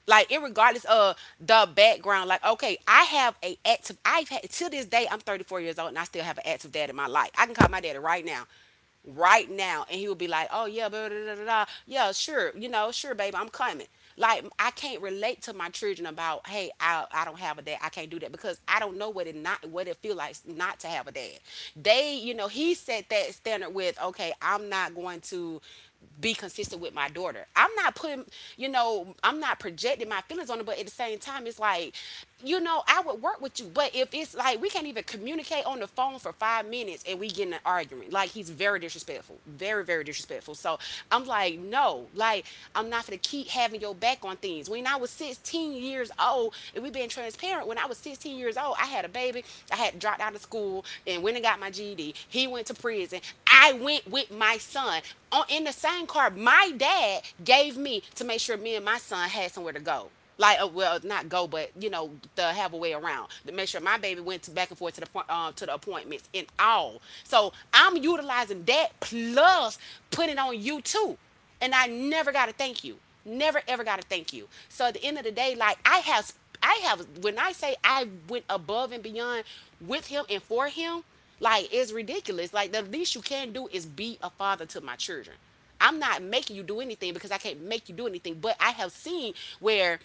Speaker 2: like regardless of the background. Like, okay, I have a active, I've had, to this day, I'm 34 years old and I still have an active dad in my life. I can call my daddy right now, right now, and he will be like, oh, yeah, blah, blah, blah, blah. Yeah, sure, sure, baby, I'm coming. Like I can't relate to my children about, hey, I don't have a dad. I can't do that because I don't know what it not what it feel like not to have a dad. They, he set that standard with, okay, I'm not going to be consistent with my daughter. I'm not putting, I'm not projecting my feelings on her, but at the same time, it's like, I would work with you. But if it's like we can't even communicate on the phone for 5 minutes and we get in an argument, like he's very disrespectful, very, very disrespectful. So I'm like, no, like I'm not gonna keep having your back on things. When I was 16 years old and we've been trying transparent. When I was 16 years old, I had a baby. I had dropped out of school and went and got my GED. He went to prison. I went with my son on in the same car my dad gave me to make sure me and my son had somewhere to go. Like, well, not go, but to have a way around to make sure my baby went to back and forth to the point to the appointments and all. So I'm utilizing that plus putting it on you too, and I never got to thank you. Never ever got to thank you. So at the end of the day, like I have. When I say I went above and beyond with him and for him, like it's ridiculous. Like the least you can do is be a father to my children. I'm not making you do anything because I can't make you do anything. But I have seen where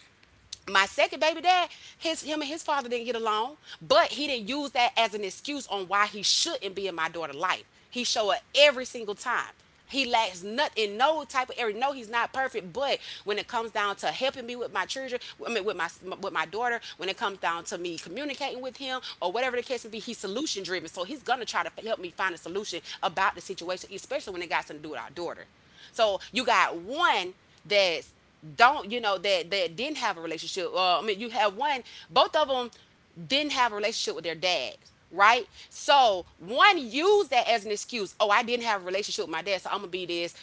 Speaker 2: my second baby dad, his him and his father didn't get along, but he didn't use that as an excuse on why he shouldn't be in my daughter's life. He showed up every single time. He lacks nothing, no type of area. No, he's not perfect, but when it comes down to helping me with my children, I mean, with my daughter, when it comes down to me communicating with him or whatever the case may be, he's solution driven. So he's gonna try to help me find a solution about the situation, especially when it got something to do with our daughter. So you got one that's don't you know that that didn't have a relationship. I mean, you have one. Both of them didn't have a relationship with their dads, right? So one used that as an excuse. Oh, I didn't have a relationship with my dad, so I'm gonna be this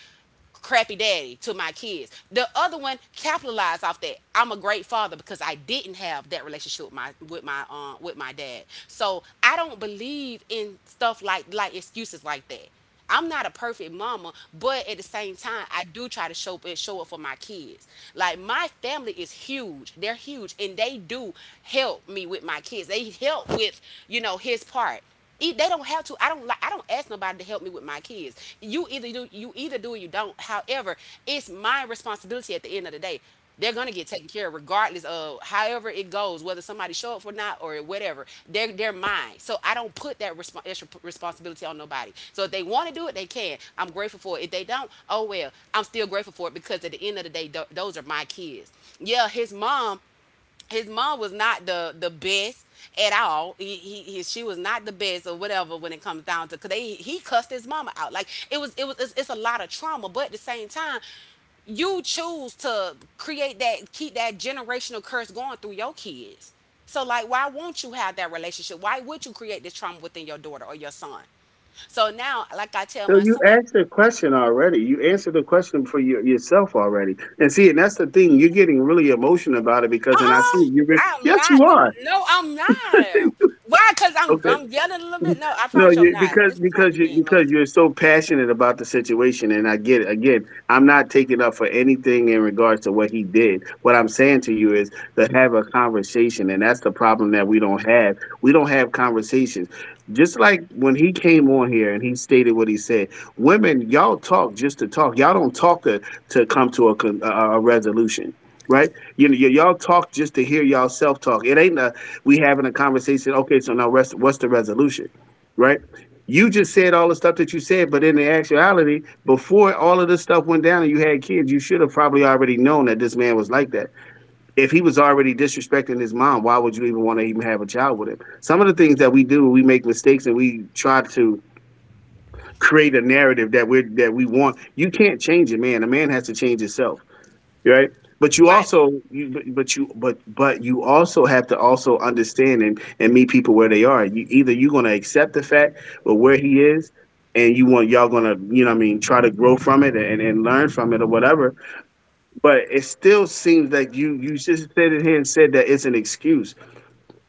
Speaker 2: crappy daddy to my kids. The other one capitalized off that. I'm a great father because I didn't have that relationship with my with my with my dad. So I don't believe in stuff like excuses like that. I'm not a perfect mama, but at the same time, I do try to show up and show up for my kids. Like my family is huge; they're huge, and they do help me with my kids. They help with his part. They don't have to. I don't like. I don't ask nobody to help me with my kids. You either do. You either do or you don't. However, it's my responsibility at the end of the day. They're gonna get taken care of regardless of however it goes, whether somebody show up or not or whatever. They're mine. So I don't put that responsibility on nobody. So if they want to do it, they can. I'm grateful for it. If they don't, oh well. I'm still grateful for it because at the end of the day, those are my kids. Yeah, his mom was not the best at all. He she was not the best or whatever when it comes down to. Cause they he cussed his mama out. Like it's a lot of trauma, but at the same time. You choose to create that, keep that generational curse going through your kids. So, like, why won't you have that relationship? Why would you create this trauma within your daughter or your son? So now, like I tell
Speaker 3: So
Speaker 2: my
Speaker 3: you
Speaker 2: son,
Speaker 3: asked the question already. You answered the question for your— yourself already. And see, and that's the thing. You're getting really emotional about it because, and I
Speaker 2: uh-uh.
Speaker 3: see you're— yes, you are.
Speaker 2: I'm not. Why? Because I'm
Speaker 3: Okay.
Speaker 2: I'm yelling a little bit. No, I
Speaker 3: No,
Speaker 2: promise you I'm
Speaker 3: you,
Speaker 2: not.
Speaker 3: because—
Speaker 2: This is not
Speaker 3: because
Speaker 2: me
Speaker 3: you
Speaker 2: being
Speaker 3: because
Speaker 2: emotional.
Speaker 3: you're so passionate about the situation, and I get it. Again, I'm not taking up for anything in regards to what he did. What I'm saying to you is to have a conversation, and that's the problem that we don't have. We don't have conversations. Just like when he came on here and he stated what he said, women, y'all talk just to talk. Y'all don't talk to— to come to a con-— a resolution. Right, you know, y'all talk just to hear y'all self talk. It ain't a— we having a conversation. Okay, so now rest, what's the resolution? Right? You just said all the stuff that you said, but in the actuality, before all of this stuff went down and you had kids, you should have probably already known that this man was like that. If he was already disrespecting his mom, why would you even want to even have a child with him? Some of the things that we do, we make mistakes and we try to create a narrative that we are— that we want. You can't change a man. A man has to change himself, right? but you
Speaker 2: Right.
Speaker 3: also you but you but but you also have to also understand and meet people where they are. You either you're going to accept the fact of where he is and you want y'all going to, you know what I mean, try to grow from it and learn from it or whatever, but it still seems like you— you just said it here and said that it's an excuse.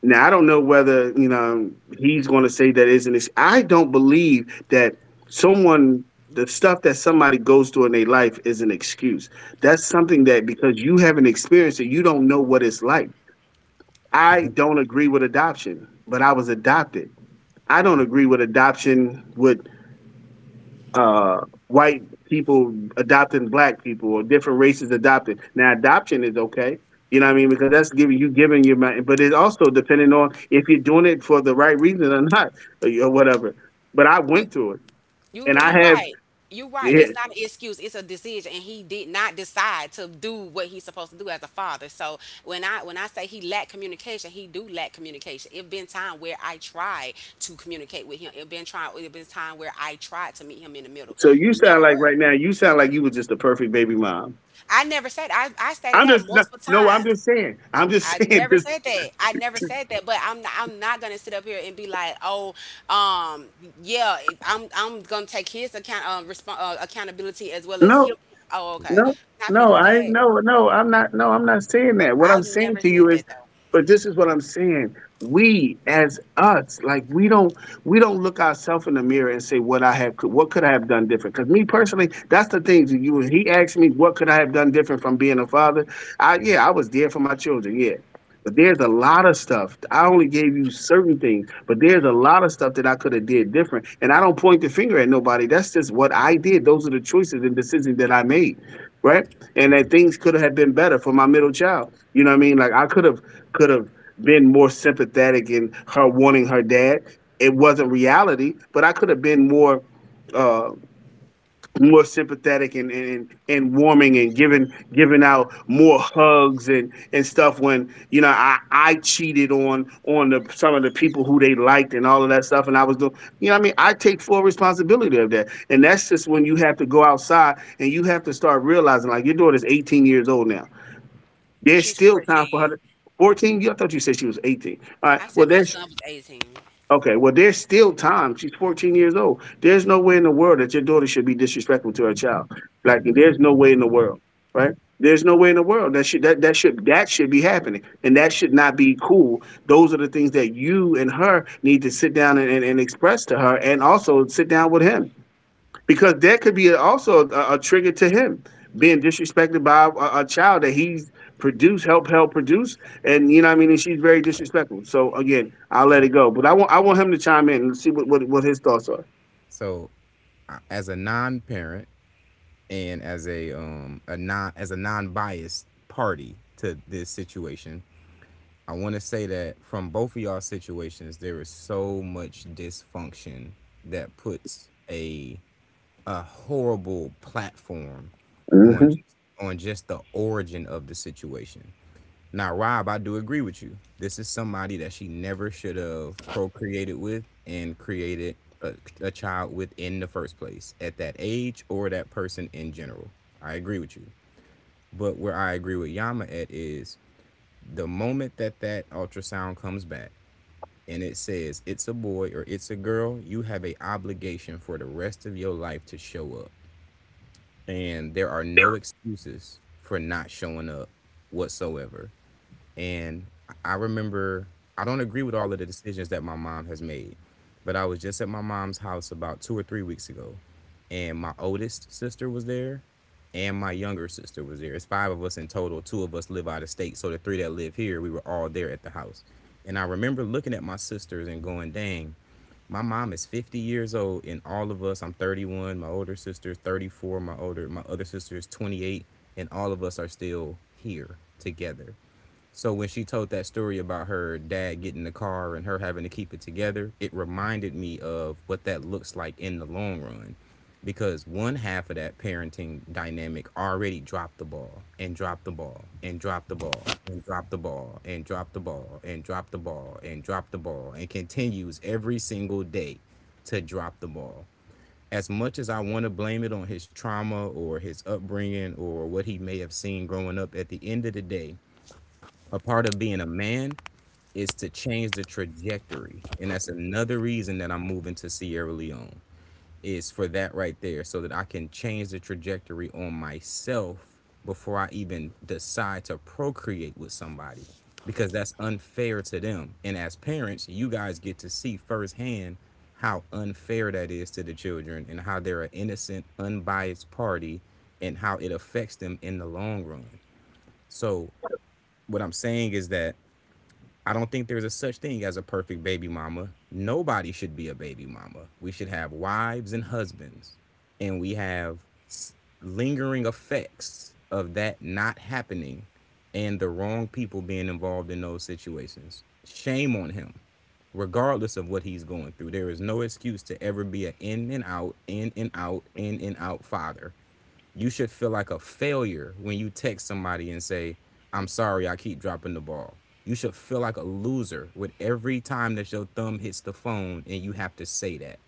Speaker 3: Now I don't know whether, you know, he's going to say that isn't. Ex-— I don't believe that someone— the stuff that somebody goes through in their life is an excuse. That's something that because you haven't experienced it, you don't know what it's like. I
Speaker 1: Go.
Speaker 3: don't agree with adoption, but I was adopted. I don't agree with adoption with uh, white people adopting black people, or different races adopting. Now, adoption is okay. You know what I mean? Because that's giving you— giving your money, but it's also depending on if you're doing it for the right reason or not, or whatever. But I
Speaker 2: You
Speaker 3: went through it,
Speaker 2: you
Speaker 3: and
Speaker 2: you
Speaker 3: I have.
Speaker 2: right. You're right. It's
Speaker 3: Yeah.
Speaker 2: not an excuse. It's a decision, and he did not decide to do what he's supposed to do as a father. So when I say he lacked communication, he do lack communication. It been time where I tried to communicate with him. It been trying. It been time where I tried to meet him in the middle.
Speaker 3: So you
Speaker 2: Never
Speaker 3: sound like
Speaker 2: worked.
Speaker 3: right now, you sound like you were just a perfect baby mom.
Speaker 2: I never said. I stated
Speaker 3: I'm
Speaker 2: that
Speaker 3: just— no,
Speaker 2: multiple
Speaker 3: no, I'm
Speaker 2: times.
Speaker 3: just saying. I'm just
Speaker 2: I
Speaker 3: saying.
Speaker 2: never said that. I never said that. But I'm not gonna sit up here and be like, oh, um, yeah, I'm gonna take his account respon accountability as well as
Speaker 3: No.
Speaker 2: him. Oh, okay.
Speaker 3: No,
Speaker 2: Not gonna
Speaker 3: no,
Speaker 2: do
Speaker 3: I—
Speaker 2: that.
Speaker 3: no, no, I'm not— no, I'm not saying that. What
Speaker 2: I've
Speaker 3: I'm saying
Speaker 2: never
Speaker 3: to
Speaker 2: said
Speaker 3: you
Speaker 2: that
Speaker 3: is—
Speaker 2: though.
Speaker 3: but this is what I'm saying. We as us, like we don't— we don't look ourselves in the mirror and say, what I have could— what could I have done different? Because me personally, that's the thing. That— you— he asked me what could I have done different from being a father. I— yeah, I was there for my children, yeah. But there's a lot of stuff. I only gave you certain things, but there's a lot of stuff that I could have did different. And I don't point the finger at nobody. That's just what I did. Those are the choices and decisions that I made, right? And that things could have been better for my middle child. You know what I mean? Like I could have— could have been more sympathetic in her wanting her dad. It wasn't reality, but I could have been more, uh, more sympathetic and warming and giving out more hugs and stuff when, you know, I cheated on the, some of the people who they liked and all of that stuff and I was doing, you know what I mean, I take full responsibility of that. And that's just when you have to go outside and you have to start realizing, like, your daughter's 18 years old now. There's
Speaker 2: She's
Speaker 3: still time for
Speaker 2: 14.
Speaker 3: her to— 14. Yeah, I thought you said she was 18. All right,
Speaker 2: I said
Speaker 3: well
Speaker 2: my
Speaker 3: there's—
Speaker 2: son was 18.
Speaker 3: okay, well, there's still time. She's 14 years old. There's no way in the world that your daughter should be disrespectful to her child. Like, there's no way in the world, right? There's no way in the world that should— that, that should— that should be happening, and that should not be cool. Those are the things that you and her need to sit down and express to her, and also sit down with him, because that could be also a trigger to him being disrespected by a child that he's produced, help, help produce, and you know what I mean. And she's very disrespectful. So again, I'll let
Speaker 1: So
Speaker 3: it go. But I want him to chime in and see what his thoughts are.
Speaker 1: so as a non-parent and as a non-biased party to this situation, I want to say that from both of y'all situations, there is so much dysfunction that puts a horrible platform on on just the origin of the situation. Now, Rob, I do agree with you. This is somebody that she never should have procreated with and created a child with in the first place at that age or that person in general. I agree with you. But where I agree with Yama at is the moment that that ultrasound comes back, and it says it's a boy or it's a girl, you have a obligation for the rest of your life to show up. And there are no excuses for not showing up whatsoever. And I remember I don't agree with all of the decisions that my mom has made, but I was just at my mom's house about 2 or 3 weeks ago, and my oldest sister was there, and my younger sister was there. It's five of us in total. Two of us live out of state, so the three that live here, we were all there at the house. And I remember looking at my sisters and going, "Dang, my mom is 50 years old and all of us, I'm 31, my older sister's 34, my older, my other sister's 28, and all of us are still here together." So when she told that story about her dad getting the car and her having to keep it together, it reminded me of what that looks like in the long run. Because one half of that parenting dynamic already dropped the ball and dropped the ball and dropped the ball and dropped the ball and dropped the ball and dropped the ball and dropped the ball and continues every single day to drop the ball. As much as I want to blame it on his trauma or his upbringing or what he may have seen growing up, at the end of the day, a part of being a man is to change the trajectory. And that's another reason that I'm moving to Sierra Leone is for that right there, so that I can change the trajectory on myself before I even decide to procreate with somebody, because that's unfair to them. And as parents, you guys get to see firsthand how unfair that is to the children and how they're an innocent, unbiased party and how it affects them in the long run. So, what I'm saying is that I don't think there's a such thing as a perfect baby mama. Nobody should be a baby mama. We should have wives and husbands, and we have lingering effects of that not happening and the wrong people being involved in those situations. Shame on him, regardless of what he's going through. There is no excuse to ever be an in and out, in and out, in and out father. You should feel like a failure when you text somebody and say, "I'm sorry, I keep dropping the ball." You should feel like a loser with every time that your thumb hits the phone and you have to say that.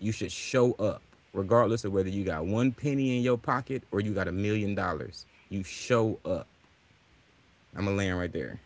Speaker 1: You should show up, regardless of whether you got one penny in your pocket or you got $1 million. You show up. I'm going to land right there.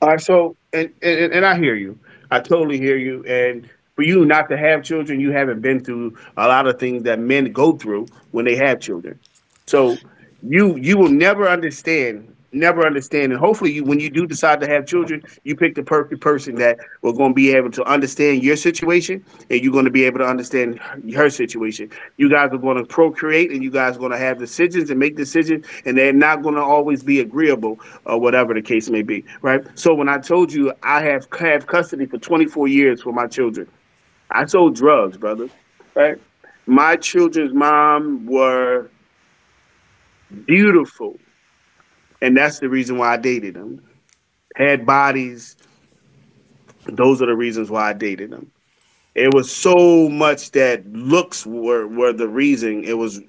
Speaker 3: All right, so, and I hear you. I totally hear you. And for you not to have children, you haven't been through a lot of things that men go through when they have children. So you will never understand, never understand. Hopefully, you— when you do decide to have children, you pick the perfect person that will going to be able to understand your situation, and you're going to be able to understand her— her situation. You guys are going to procreate, and you guys are going to have decisions and make decisions, and they're not going to always be agreeable or whatever the case may be, right? So when I told you I have custody for 24 years for my children, I sold drugs, brother, right? My children's mom were beautiful, and that's the reason why I dated them. Had bodies, those are the reasons why I dated them. It was so much that looks were— were the reason. It was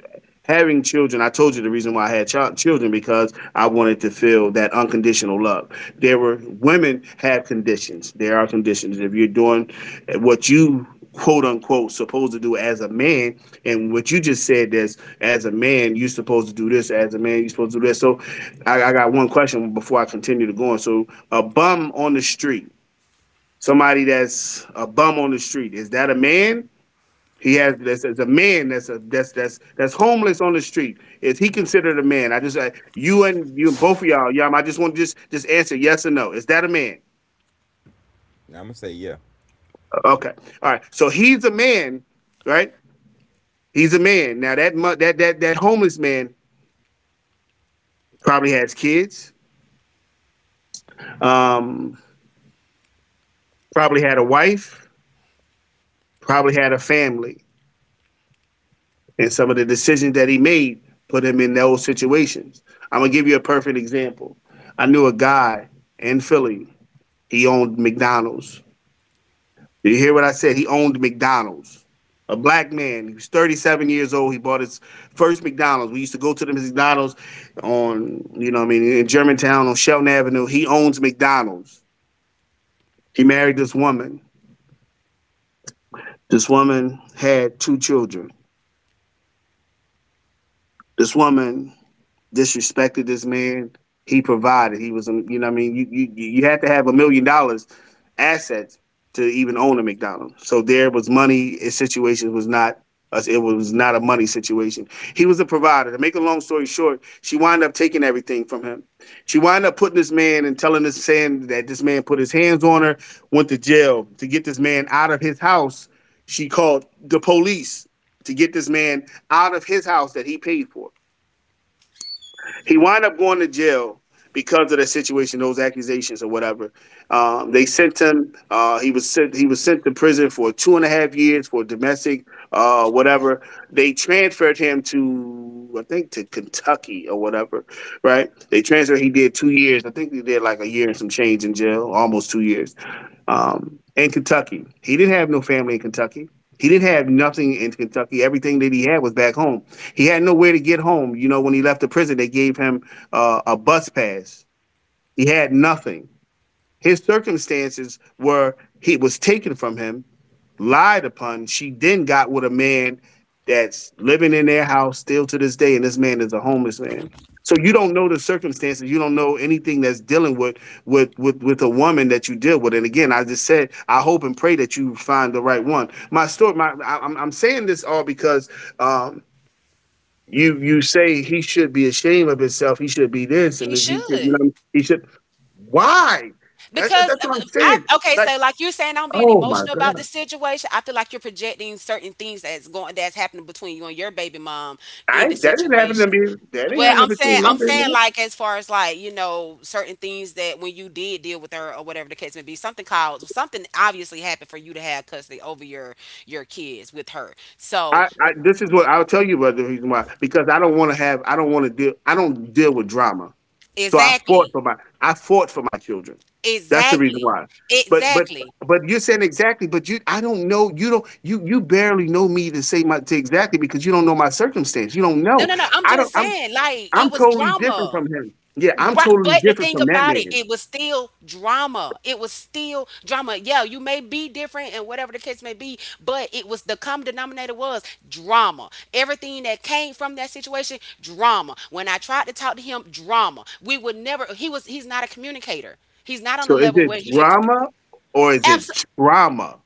Speaker 3: having children. I told you the reason why I had child— children, because I wanted to feel that unconditional love. There were women— have conditions. There are conditions. If you're doing what you quote unquote supposed to do as a man, and what you just said is as a man you're supposed to do this, as a man you're supposed to do this. So I got one question before I continue to go on. So a bum on the street— somebody that's a bum on the street. Is that a man? He has— that's a man that's a that's that's homeless on the street. Is he considered a man? I just— I, you and you, both of y'all, y'all— I just want to just— just answer yes or no. Is that a man?
Speaker 1: I'm gonna say yeah.
Speaker 3: Okay. All right. So he's a man, right? He's a man. Now that mu-— that homeless man probably has kids. Um, probably had a wife. Probably had a family. And some of the decisions that he made put him in those situations. I'm gonna give you a perfect example. I knew a guy in Philly. He owned McDonald's. Did you hear what I said? He owned McDonald's. A black man. He was 37 years old. He bought his first McDonald's. We used to go to the McDonald's on, you know, what I mean, in Germantown on Shelton Avenue. He owns McDonald's. He married this woman. This woman had 2 children. This woman disrespected this man. He provided. He was a-— you know what I mean, you had to have $1 million assets to even own a McDonald's. So there was money. His situation was not. It was not a money situation. He was a provider. To make a long story short, she wound up taking everything from him. She wound up putting this man and telling this saying that this man put his hands on her, went to jail to get this man out of his house. She called the police to get this man out of his house that he paid for. He wound up going to jail because of the situation, those accusations or whatever. They sent him. He was sent. He was sent to prison for two and a half years for domestic, whatever. They transferred him to, I think, to Kentucky or whatever. Right? They transferred. He did 2 years. I think he did like a year and some change in jail, almost 2 years and Kentucky. He didn't have no family in Kentucky. He didn't have nothing in Kentucky. Everything that he had was back home. He had nowhere to get home. You know, when he left the prison, they gave him a bus pass. He had nothing. His circumstances were he was taken from him, lied upon. She then got with a man that's living in their house still to this day, and this man is a homeless man. So you don't know the circumstances. You don't know anything that's dealing with with a woman that you deal with. And again, I just said I hope and pray that you find the right one. My story, my I'm saying this all because um, you you say he should be ashamed of himself. He should be this, and
Speaker 2: He
Speaker 3: he should you
Speaker 2: should.
Speaker 3: know he should. Why? That's
Speaker 2: Because
Speaker 3: that's what I'm
Speaker 2: I,
Speaker 3: saying.
Speaker 2: okay,
Speaker 3: Like,
Speaker 2: so like you're saying, I'm being
Speaker 3: oh my
Speaker 2: emotional about
Speaker 3: god,
Speaker 2: this situation. I feel like you're projecting certain things that's happening between you and your baby mom
Speaker 3: I
Speaker 2: in the
Speaker 3: that didn't happen to
Speaker 2: situation.
Speaker 3: me. That didn't
Speaker 2: Well,
Speaker 3: happen between my
Speaker 2: I'm saying,
Speaker 3: business.
Speaker 2: like, as far as like, certain things that when you did deal with her or whatever the case may be, something caused, something obviously happened for you to have custody over your kids with her. So
Speaker 3: I
Speaker 2: the,
Speaker 3: this is what I'll tell you about the reason why because I don't want to have I don't want to deal I don't deal with drama, so I fought
Speaker 2: exactly,
Speaker 3: for my I fought for my children. That's the reason
Speaker 2: exactly,
Speaker 3: why. But but
Speaker 2: exactly.
Speaker 3: but you're saying exactly. But you I don't know you don't you you barely know me to say my to exactly because you don't know my circumstance. You don't
Speaker 2: No,
Speaker 3: know.
Speaker 2: no, no. I'm
Speaker 3: I don't.
Speaker 2: just
Speaker 3: I'm
Speaker 2: saying, like
Speaker 3: I'm
Speaker 2: it was
Speaker 3: totally different
Speaker 2: drama.
Speaker 3: from him. Yeah, I'm
Speaker 2: Right,
Speaker 3: totally
Speaker 2: but the
Speaker 3: different
Speaker 2: thing
Speaker 3: from that
Speaker 2: about it,
Speaker 3: man.
Speaker 2: it was still drama. It was still drama. Yeah, you may be different and whatever the case may be, but it was, the common denominator was drama. Everything that came from that situation, drama. When I tried to talk to him, drama. We would never. He was. He's not a communicator. He's not on the
Speaker 3: So is
Speaker 2: level where
Speaker 3: it
Speaker 2: he could.
Speaker 3: drama or is it
Speaker 2: Absolutely.
Speaker 3: trauma?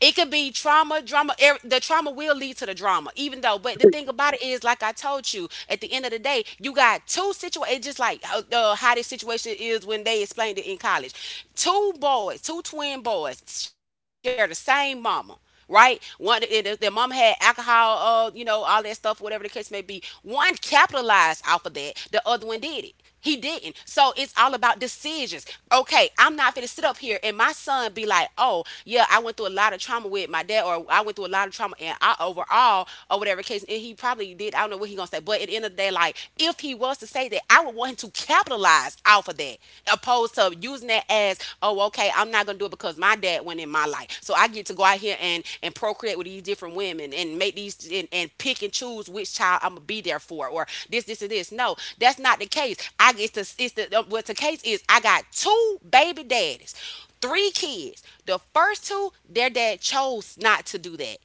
Speaker 2: It could be trauma, drama. The trauma will lead to the drama, even though. But the thing about it is, like I told you, at the end of the day, you got two situations, just like how this situation is when they explained it in college. Two boys, two twin boys, share the same mama. Right, one their mom had alcohol, all that stuff, whatever the case may be. One capitalized off of that, the other one did it. He didn't. So it's all about decisions. Okay, I'm not gonna sit up here and my son be like, oh, yeah, I went through a lot of trauma with my dad, or I went through a lot of trauma and I overall, or whatever case, and he probably did. I don't know what he gonna say. But at the end of the day, like if he was to say that, I would want him to capitalize off of that, opposed to using that as, oh, okay, I'm not gonna do it because my dad went in my life. So I get to go out here and procreate with these different women and make these and pick and choose which child I'm gonna be there for or this and this. No, that's not the case. I get to it's the what the case is I got two baby daddies, three kids. The first two, their dad chose not to do that.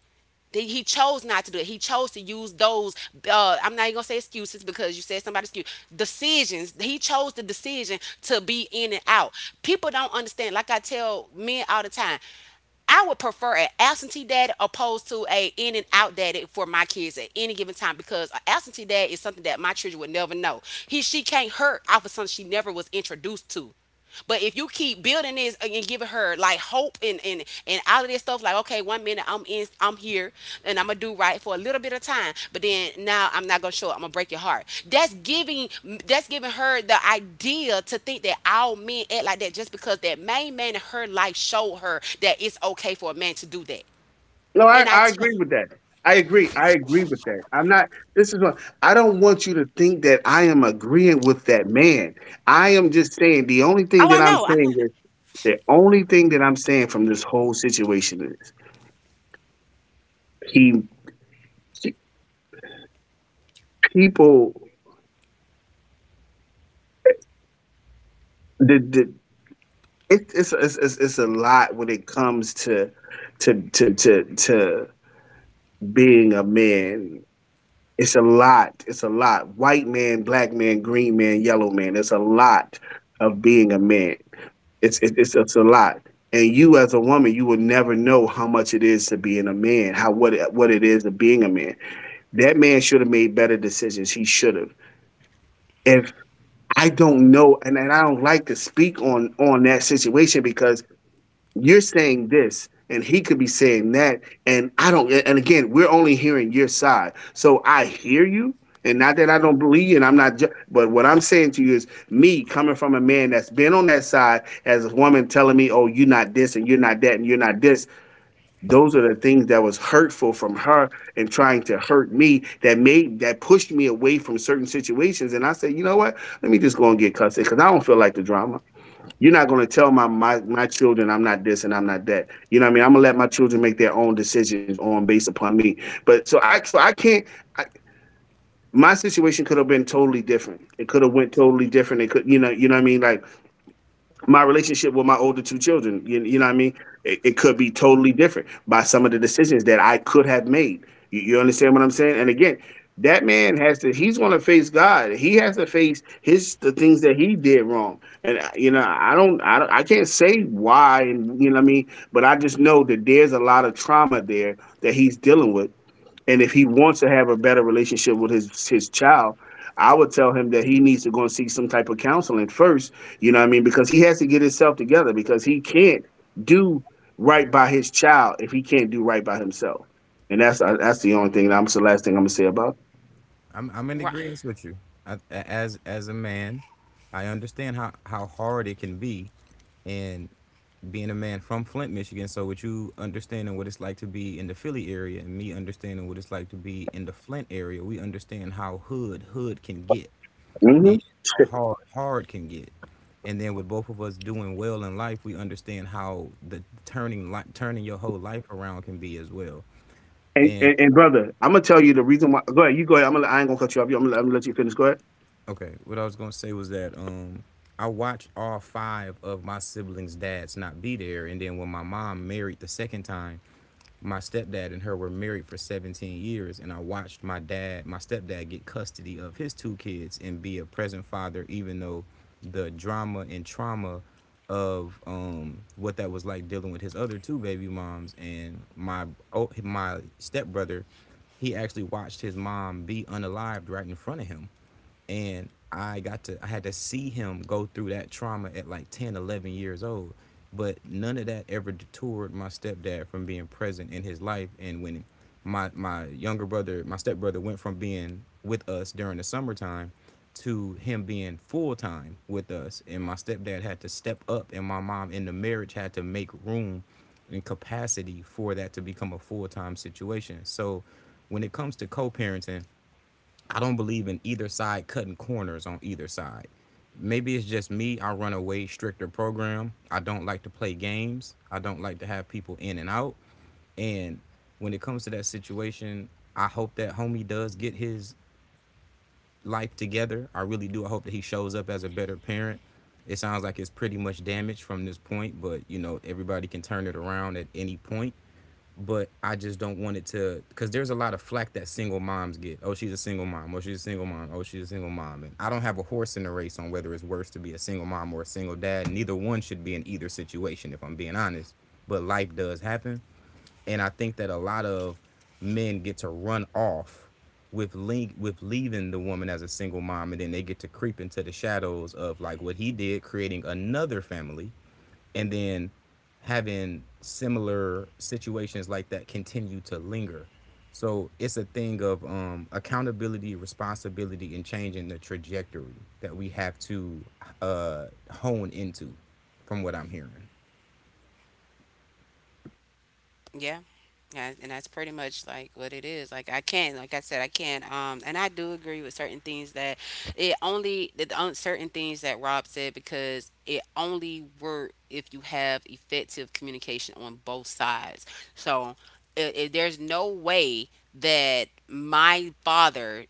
Speaker 2: He chose not to do it. He chose to use those. I'm not even gonna say excuses because you said somebody's excuse. Decisions. He chose the decision to be in and out. People don't understand. Like I tell men all the time, I would prefer an absentee dad opposed to a in and out daddy for my kids at any given time because an absentee dad is something that my children would never know. He she can't hurt off of something she never was introduced to. But if you keep building this and giving her like hope and all of this stuff, like okay, 1 minute I'm in, I'm here, and I'm gonna do right for a little bit of time, but then now I'm not gonna show up. I'm gonna break your heart. That's giving her the idea to think that all men act like that just because that main man in her life showed her that it's okay for a man to do that.
Speaker 3: No, I,
Speaker 2: And I
Speaker 3: I
Speaker 2: tell,
Speaker 3: agree with that. I agree. I agree with that. I'm not. This is what I don't want you to think that I am agreeing with that man. I am just saying the only thing
Speaker 2: oh, I
Speaker 3: that I'm
Speaker 2: know, I'm not
Speaker 3: saying is the only thing that I'm saying from this whole situation is he people the it's a lot when it comes to being a man. It's a lot. It's a lot. White man, black man, green man, yellow man. It's a lot of being a man. It's it, it's a lot. And you as a woman, you will never know how much it is to being a man, how what it is to being a man. That man should have made better decisions. He should have. If I don't know, and I don't like to speak on that situation because you're saying this and he could be saying that and I don't. And again, we're only hearing your side, so I hear you, and not that I don't believe you, and I'm not ju- but what I'm saying to you is me coming from a man that's been on that side as a woman telling me, oh, you're not this, and you're not that, and you're not this, those are the things that was hurtful from her and trying to hurt me that made that pushed me away from certain situations. And I said, you know what, let me just go and get custody because I don't feel like the drama. You're not going to tell my children I'm not this and I'm not that. You know what I mean? I'm gonna let my children make their own decisions on based upon me. But so I can't. I, my situation could have been totally different. It could have went totally different. It could, you know, you know what I mean? Like my relationship with my older two children. You know what I mean? It could be totally different by some of the decisions that I could have made. You understand what I'm saying? And again, that man has to. He's going to face God. He has to face his the things that he did wrong. And you know, I can't say why. And you know what I mean? But I just know that there's a lot of trauma there that he's dealing with, and if he wants to have a better relationship with his child, I would tell him that he needs to go and seek some type of counseling first. You know what I mean? Because he has to get himself together because he can't do right by his child if he can't do right by himself. And that's the only thing. That's the last thing I'm gonna say about it.
Speaker 1: I'm in
Speaker 2: right.
Speaker 1: agreement with you. I, a- as a man, I understand how hard it can be, and being a man from Flint, Michigan. So with you understanding what it's like to be in the Philly area, and me understanding what it's like to be in the Flint area, we understand how hood hood can get and
Speaker 3: Mhm.
Speaker 1: how hard hard can get. And then with both of us doing well in life, we understand how the turning your whole life around can be as well.
Speaker 3: And brother, I'm gonna tell you the reason why. Go ahead, you go ahead. I ain't gonna cut you off. I'm gonna let you finish. Go ahead.
Speaker 1: Okay, what I was gonna say was that I watched all five of my siblings' dads not be there, and then when my mom married the second time, my stepdad and her were married for 17 years, and I watched my dad, my stepdad, get custody of his two kids and be a present father, even though the drama and trauma of what that was like dealing with his other two baby moms and my stepbrother, he actually watched his mom be unalived right in front of him, and I had to see him go through that trauma at like 10, 11 years old. But none of that ever detoured my stepdad from being present in his life. And when my younger brother, my stepbrother, went from being with us during the summertime to him being full-time with us, and my stepdad had to step up and my mom in the marriage had to make room and capacity for that to become a full-time situation. So when it comes to co-parenting, I don't believe in either side cutting corners on either side. Maybe it's just me. I run a way stricter program. I don't like to play games. I don't like to have people in and out. And when it comes to that situation, I hope that homie does get his life together. I really do. I hope that he shows up as a better parent. It sounds like it's pretty much damaged from this point, but you know, everybody can turn it around at any point. But I just don't want it to, because there's a lot of flack that single moms get. Oh, she's a single mom. Oh, she's a single mom. Oh, she's a single mom. And I don't have a horse in the race on whether it's worse to be a single mom or a single dad. Neither one should be in either situation, if I'm being honest. But life does happen, and I think that a lot of men get to run off with link with leaving the woman as a single mom, and then they get to creep into the shadows of like what he did, creating another family, and then having similar situations like that continue to linger. So it's a thing of accountability, responsibility, and changing the trajectory that we have to hone into, from what I'm hearing.
Speaker 2: Yeah. Yeah, and that's pretty much like what it is. Like I can, like I said, I can. And I do agree with certain things that it only the on certain things that Rob said because it only work if you have effective communication on both sides. So it, there's no way that my father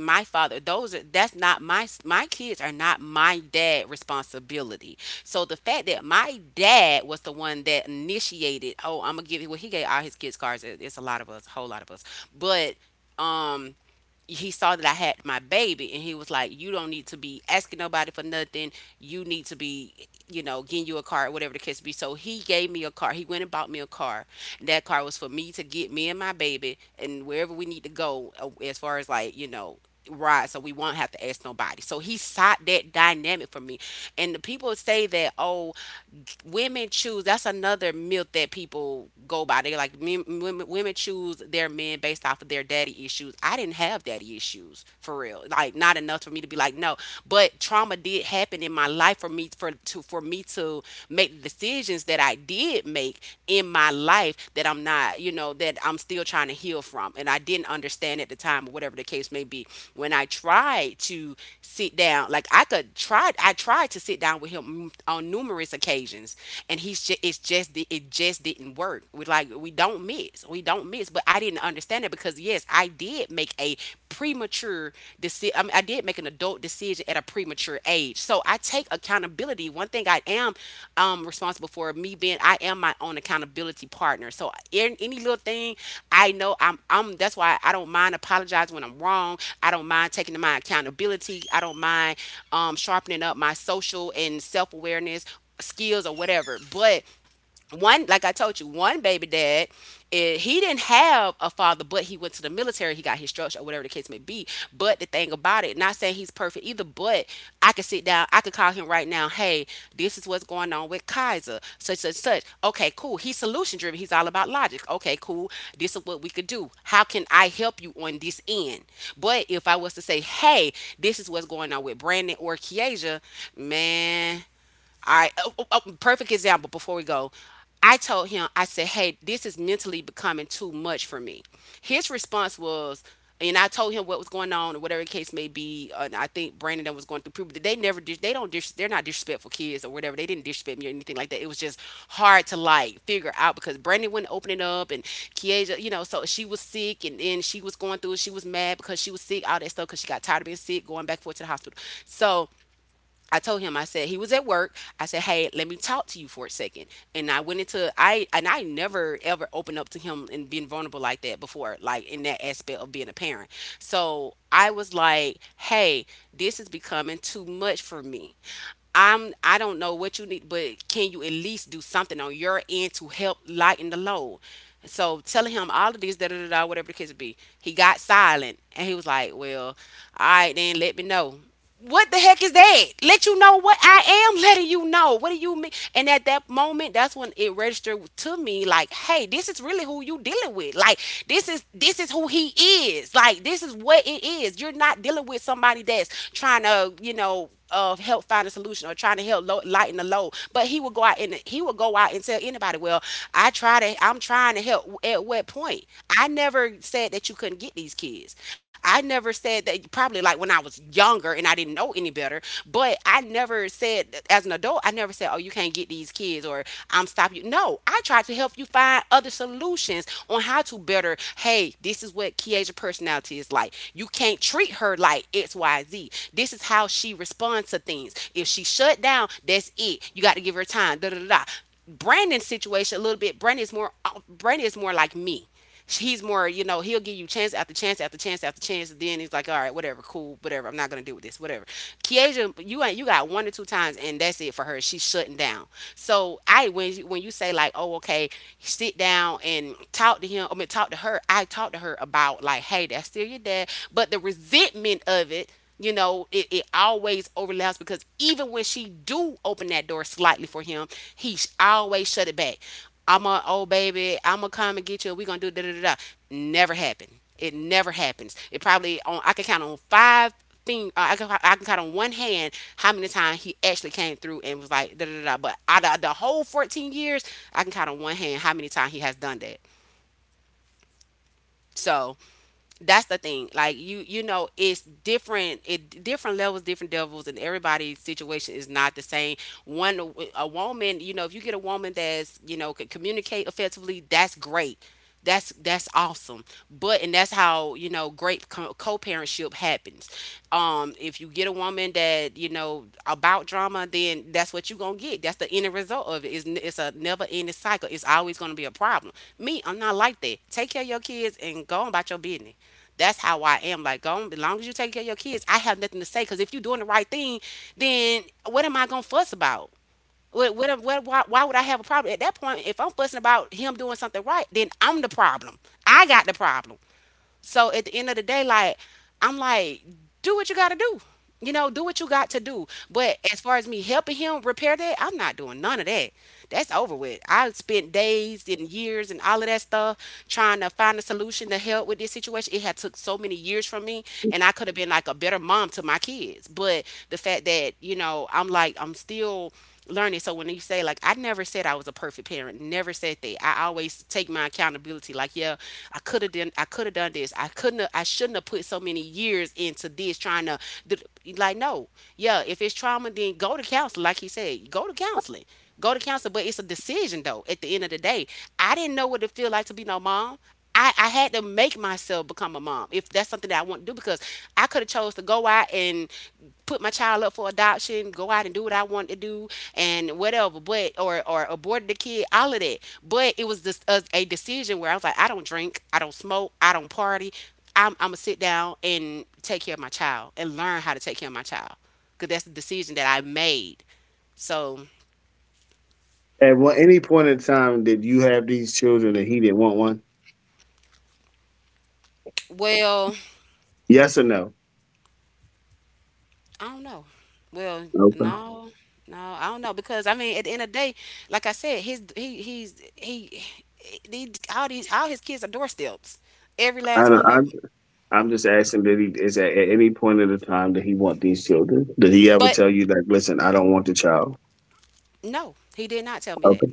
Speaker 2: my father those are that's not my kids are not my dad responsibility so the fact that my dad was the one that initiated oh I'm gonna give you well he gave all his kids cars. It- it's a lot of us a whole lot of us but um he saw that I had my baby and he was like, you don't need to be asking nobody for nothing. You need to be, you know, getting you a car, or whatever the case be. So he gave me a car. He went and bought me a car. And that car was for me to get me and my baby and wherever we need to go as far as like, you know, right, so we won't have to ask nobody. So he sought that dynamic for me. And the people say that, oh, women choose. That's another myth that people go by. They like men, women choose their men based off of their daddy issues. I didn't have daddy issues for real, like not enough for me to be like no. But trauma did happen in my life for me to make the decisions that I did make in my life that I'm not, you know, that I'm still trying to heal from. And I didn't understand at the time, or whatever the case may be. When I tried to sit down, like I could try, I tried to sit down with him on numerous occasions, and he's just, it's just, it just didn't work. We like, we don't miss. But I didn't understand it because yes, I did make a premature decision. I mean, I did make an adult decision at a premature age. So I take accountability. One thing I am responsible for me being I am my own accountability partner. So in any little thing, I know I'm that's why I don't mind apologizing when I'm wrong. I don't mind taking my accountability. I don't mind sharpening up my social and self awareness skills or whatever. But one like I told you one baby dad, he didn't have a father but he went to the military, he got his structure or whatever the case may be. But the thing about it, not saying he's perfect either, but I could sit down, I could call him right now. Hey, this is what's going on with Kaiser such such such. Okay, cool. He's solution driven, he's all about logic. Okay, cool, this is what we could do. How can I help you on this end? But if I was to say, hey, this is what's going on with Brandon or Kiesia, man, all right. Oh, oh, perfect example before we go. I told him, I said, hey, this is mentally becoming too much for me. His response was, and I told him what was going on or whatever the case may be. And I think Brandon that was going through puberty. They never, they don't, they're not disrespectful kids or whatever. They didn't disrespect me or anything like that. It was just hard to like figure out because Brandon wouldn't open it up, and Kieja, you know, so she was sick and then she was going through it. She was mad because she was sick, all that stuff because she got tired of being sick, going back and forth to the hospital. So I told him, I said, he was at work, I said, hey, let me talk to you for a second. And I went into, I, and I never ever opened up to him and been vulnerable like that before, like in that aspect of being a parent. So I was like, hey, this is becoming too much for me. I don't know what you need, but can you at least do something on your end to help lighten the load? So telling him all of this, da da da da, whatever the case would be. He got silent and he was like, well, all right, then let me know. What the heck is that? Let you know what? I am letting you know. What do you mean? And at that moment, that's when it registered to me like, hey, this is really who you dealing with. Like this is who he is. Like this is what it is. You're not dealing with somebody that's trying to, you know, of help find a solution or trying to help lighten the load. But he would go out and tell anybody, "Well, I try to. I'm trying to help. At what point? I never said that you couldn't get these kids. I never said that. Probably like when I was younger and I didn't know any better. But I never said as an adult. I never said, oh, you can't get these kids, or I'm stopping you." No, I tried to help you find other solutions on how to better. Hey, this is what Kia's personality is like. You can't treat her like XYZ. This is how she responds to things. If she shut down, that's it. You got to give her time. Da da da da. Brandon's situation a little bit. Brandon is more. Brandon is more like me. He's more, you know, he'll give you chance after chance after chance after chance, and then he's like, all right, whatever, cool, whatever. I'm not gonna deal with this, whatever. Kiesha, you ain't, you got one or two times, and that's it for her. She's shutting down. So I, when you say like, oh, okay, sit down and talk to him, I mean, talk to her. I talked to her about out like, hey, that's still your dad. But the resentment of it, you know, it always overlaps because even when she do open that door slightly for him, he always shut it back. I'm a, oh baby, I'm gonna come and get you. We gonna do da da da da. Never happened. It never happens. It probably on, I can count on five thing. I can count on one hand how many times he actually came through and was like da da da da. But out of the whole 14 years, I can count on one hand how many times he has done that. So that's the thing. Like you know, it's different. It different levels, different devils, and everybody's situation is not the same. One, a woman, you know, if you get a woman that's, you know, can communicate effectively, that's great. That's awesome. But and that's how you know great co-parentship happens. If you get a woman that you know about drama, then that's what you're gonna get. That's the end result of it. It's a never ending cycle. It's always gonna be a problem. Me, I'm not like that. Take care of your kids and go on about your business. That's how I am. Like, go on, as long as you take care of your kids, I have nothing to say. Because if you're doing the right thing, then what am I gonna fuss about? Why would I have a problem at that point? If I'm fussing about him doing something right, then I'm the problem. I got the problem. So at the end of the day, like I'm like, do what you gotta do. You know, do what you got to do. But as far as me helping him repair that, I'm not doing none of that. That's over with. I spent days and years and all of that stuff trying to find a solution to help with this situation. It had took so many years from me, and I could have been like a better mom to my kids. But the fact that, you know, I'm like I'm still learning. So when you say like I never said I was a perfect parent, never said that. I always take my accountability. Like yeah, I could have done this. I shouldn't have put so many years into this trying to th- like no. Yeah, if it's trauma then go to counseling like he said. Go to counseling. Go to counseling, but it's a decision though. At the end of the day, I didn't know what it feel like to be no mom. I had to make myself become a mom if that's something that I want to do, because I could have chose to go out and put my child up for adoption, go out and do what I wanted to do and whatever, but or aborted the kid, all of that. But it was just a decision where I was like, I don't drink, I don't smoke, I don't party. I'm gonna sit down and take care of my child and learn how to take care of my child because that's the decision that I made. So
Speaker 3: At what, any point in time, did you have these children and he didn't want one?
Speaker 2: well,
Speaker 3: Yes or no?
Speaker 2: I don't know. Well,
Speaker 3: Okay.
Speaker 2: no, no, I don't know because I mean, at the end of the day, like I said, his he he's he these all his kids are door steps, every last
Speaker 3: I don't,
Speaker 2: one of them.
Speaker 3: I'm just asking. Did he is at any point in the time did he want these children? Did he ever
Speaker 2: But
Speaker 3: tell you like, listen, I don't want the child?
Speaker 2: no, he did not tell me that.
Speaker 3: Okay.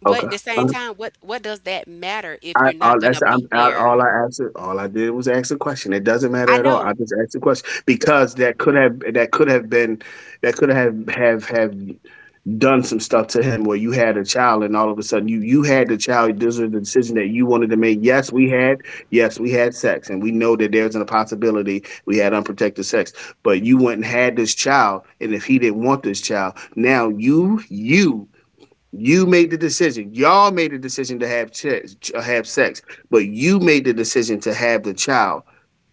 Speaker 2: But at
Speaker 3: Okay.
Speaker 2: the same
Speaker 3: All right.
Speaker 2: time, what does that matter if
Speaker 3: I,
Speaker 2: you're not
Speaker 3: all,
Speaker 2: gonna
Speaker 3: that's, I'm,
Speaker 2: be
Speaker 3: I,
Speaker 2: there?
Speaker 3: all I asked, all I did was ask a question. It doesn't
Speaker 2: I
Speaker 3: matter at all. I
Speaker 2: know.
Speaker 3: just asked a question because that could have been that could have done some stuff to him where you had a child and all of a sudden you had the child. This is the decision that you wanted to make. Yes, we had sex, and we know that there's a possibility we had unprotected sex, but you went and had this child. And if he didn't want this child, now you made the decision, y'all made the decision to have sex have sex but you made the decision to have the child.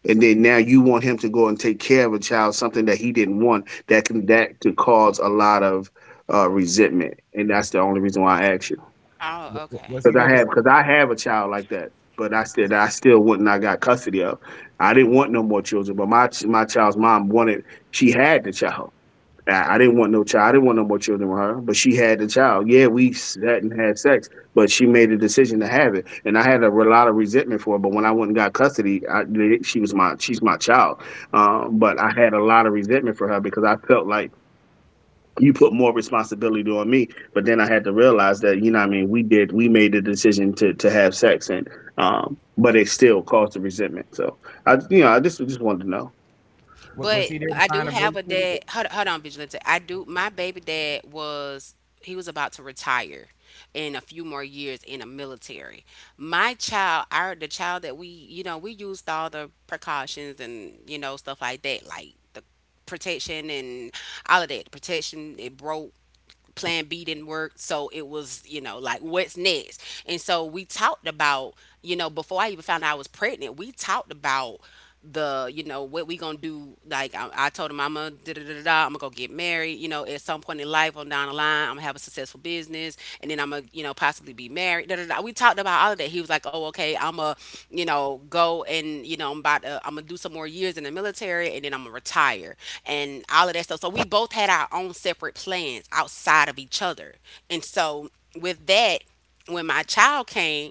Speaker 3: And then now you want him to go and take care of a child, something that he didn't want. That can that could cause a lot of resentment, and that's the only reason why I asked you,
Speaker 2: Oh, okay.
Speaker 1: Was
Speaker 3: because
Speaker 1: he there to was
Speaker 3: I have a child like that, but I said I still wouldn't. I got custody of I didn't want no more children but my child's mom wanted she had the child. I didn't want no child. I didn't want no more children with her, but she had the child. Yeah, we sat and had sex, but she made a decision to have it, and I had a, lot of resentment for it. But when I went and got custody, I, she's my child. But I had a lot of resentment for her because I felt like you put more responsibility on me. But then I had to realize that, you know what I mean, we made the decision to have sex, and but it still caused the resentment. So I, you know, I just wanted to know.
Speaker 1: Wa- was he
Speaker 2: But
Speaker 1: there to
Speaker 2: I
Speaker 1: sign
Speaker 2: do
Speaker 1: a birth
Speaker 2: have a
Speaker 1: certificate?
Speaker 2: dad. Hold on, Vigilante. I do. My baby dad was, he was about to retire in a few more years in the military. My child, our the child that we, you know, we used all the precautions and you know stuff like that, like the protection and all of that. The protection it broke, plan B didn't work. So it was, you know, like what's next? And so we talked about, you know, before I even found out I was pregnant, we talked about the, you know, what we gonna do. I told him, I'm gonna da da da da. I'm gonna go get married. You know, at some point in life, on down the line, I'm gonna have a successful business, and then I'm gonna you know possibly be married. Da, da, da. We talked about all of that. He was like, oh okay, I'm gonna you know go and I'm about to, I'm gonna do some more years in the military and then I'm gonna retire and all of that stuff. So we both had our own separate plans outside of each other, and so with that when my child came,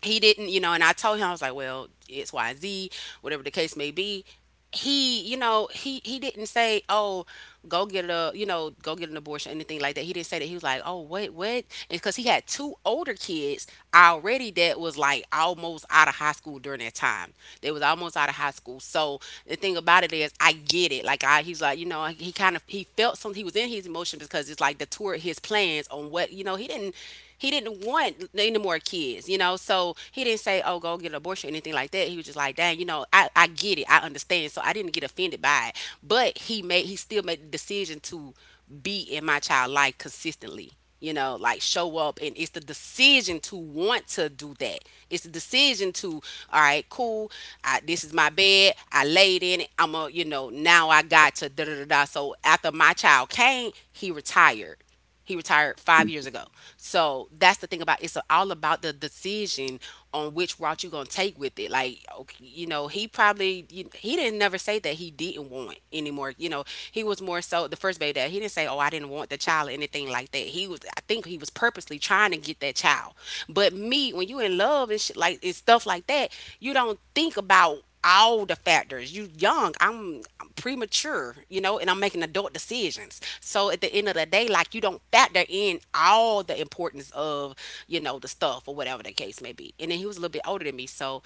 Speaker 2: he didn't, you know, and I told him I was like, well, it's Y Z, whatever the case may be. He, you know, he didn't say, oh, go get a, you know, go get an abortion, anything like that. He didn't say that. He was like, oh, what, what? It's Because he had two older kids already that was like almost out of high school during that time. They was almost out of high school. So the thing about it is, I get it. He's like, you know, he kind of he felt something. He was in his emotion because it's like the toward his plans on what, you know, he didn't want any more kids, you know. So he didn't say, "Oh, go get an abortion" or anything like that. He was just like, "Dang, you know, I get it, I understand." So I didn't get offended by it, but he still made the decision to be in my child life consistently. You know, like show up, and it's the decision to want to do that. It's the decision to, all right, cool. I, this is my bed. I laid in it. I'm a, you know, now I got to da da da da. So after my child came, he retired 5 years ago. So that's the thing about it's all about the decision on which route you're gonna take with it. Like, okay, you know, he probably you, he didn't never say that he didn't want anymore. You know, he was more so the first baby dad. He didn't say, "Oh, I didn't want the child" or anything like that. He was, I think, he was purposely trying to get that child. But me, when you in love and shit like and stuff like that, you don't think about all the factors. You young, I'm premature, you know, and I'm making adult decisions. So at the end of the day, like you don't factor in all the importance of, you know, the stuff or whatever the case may be. And then he was a little bit older than me, so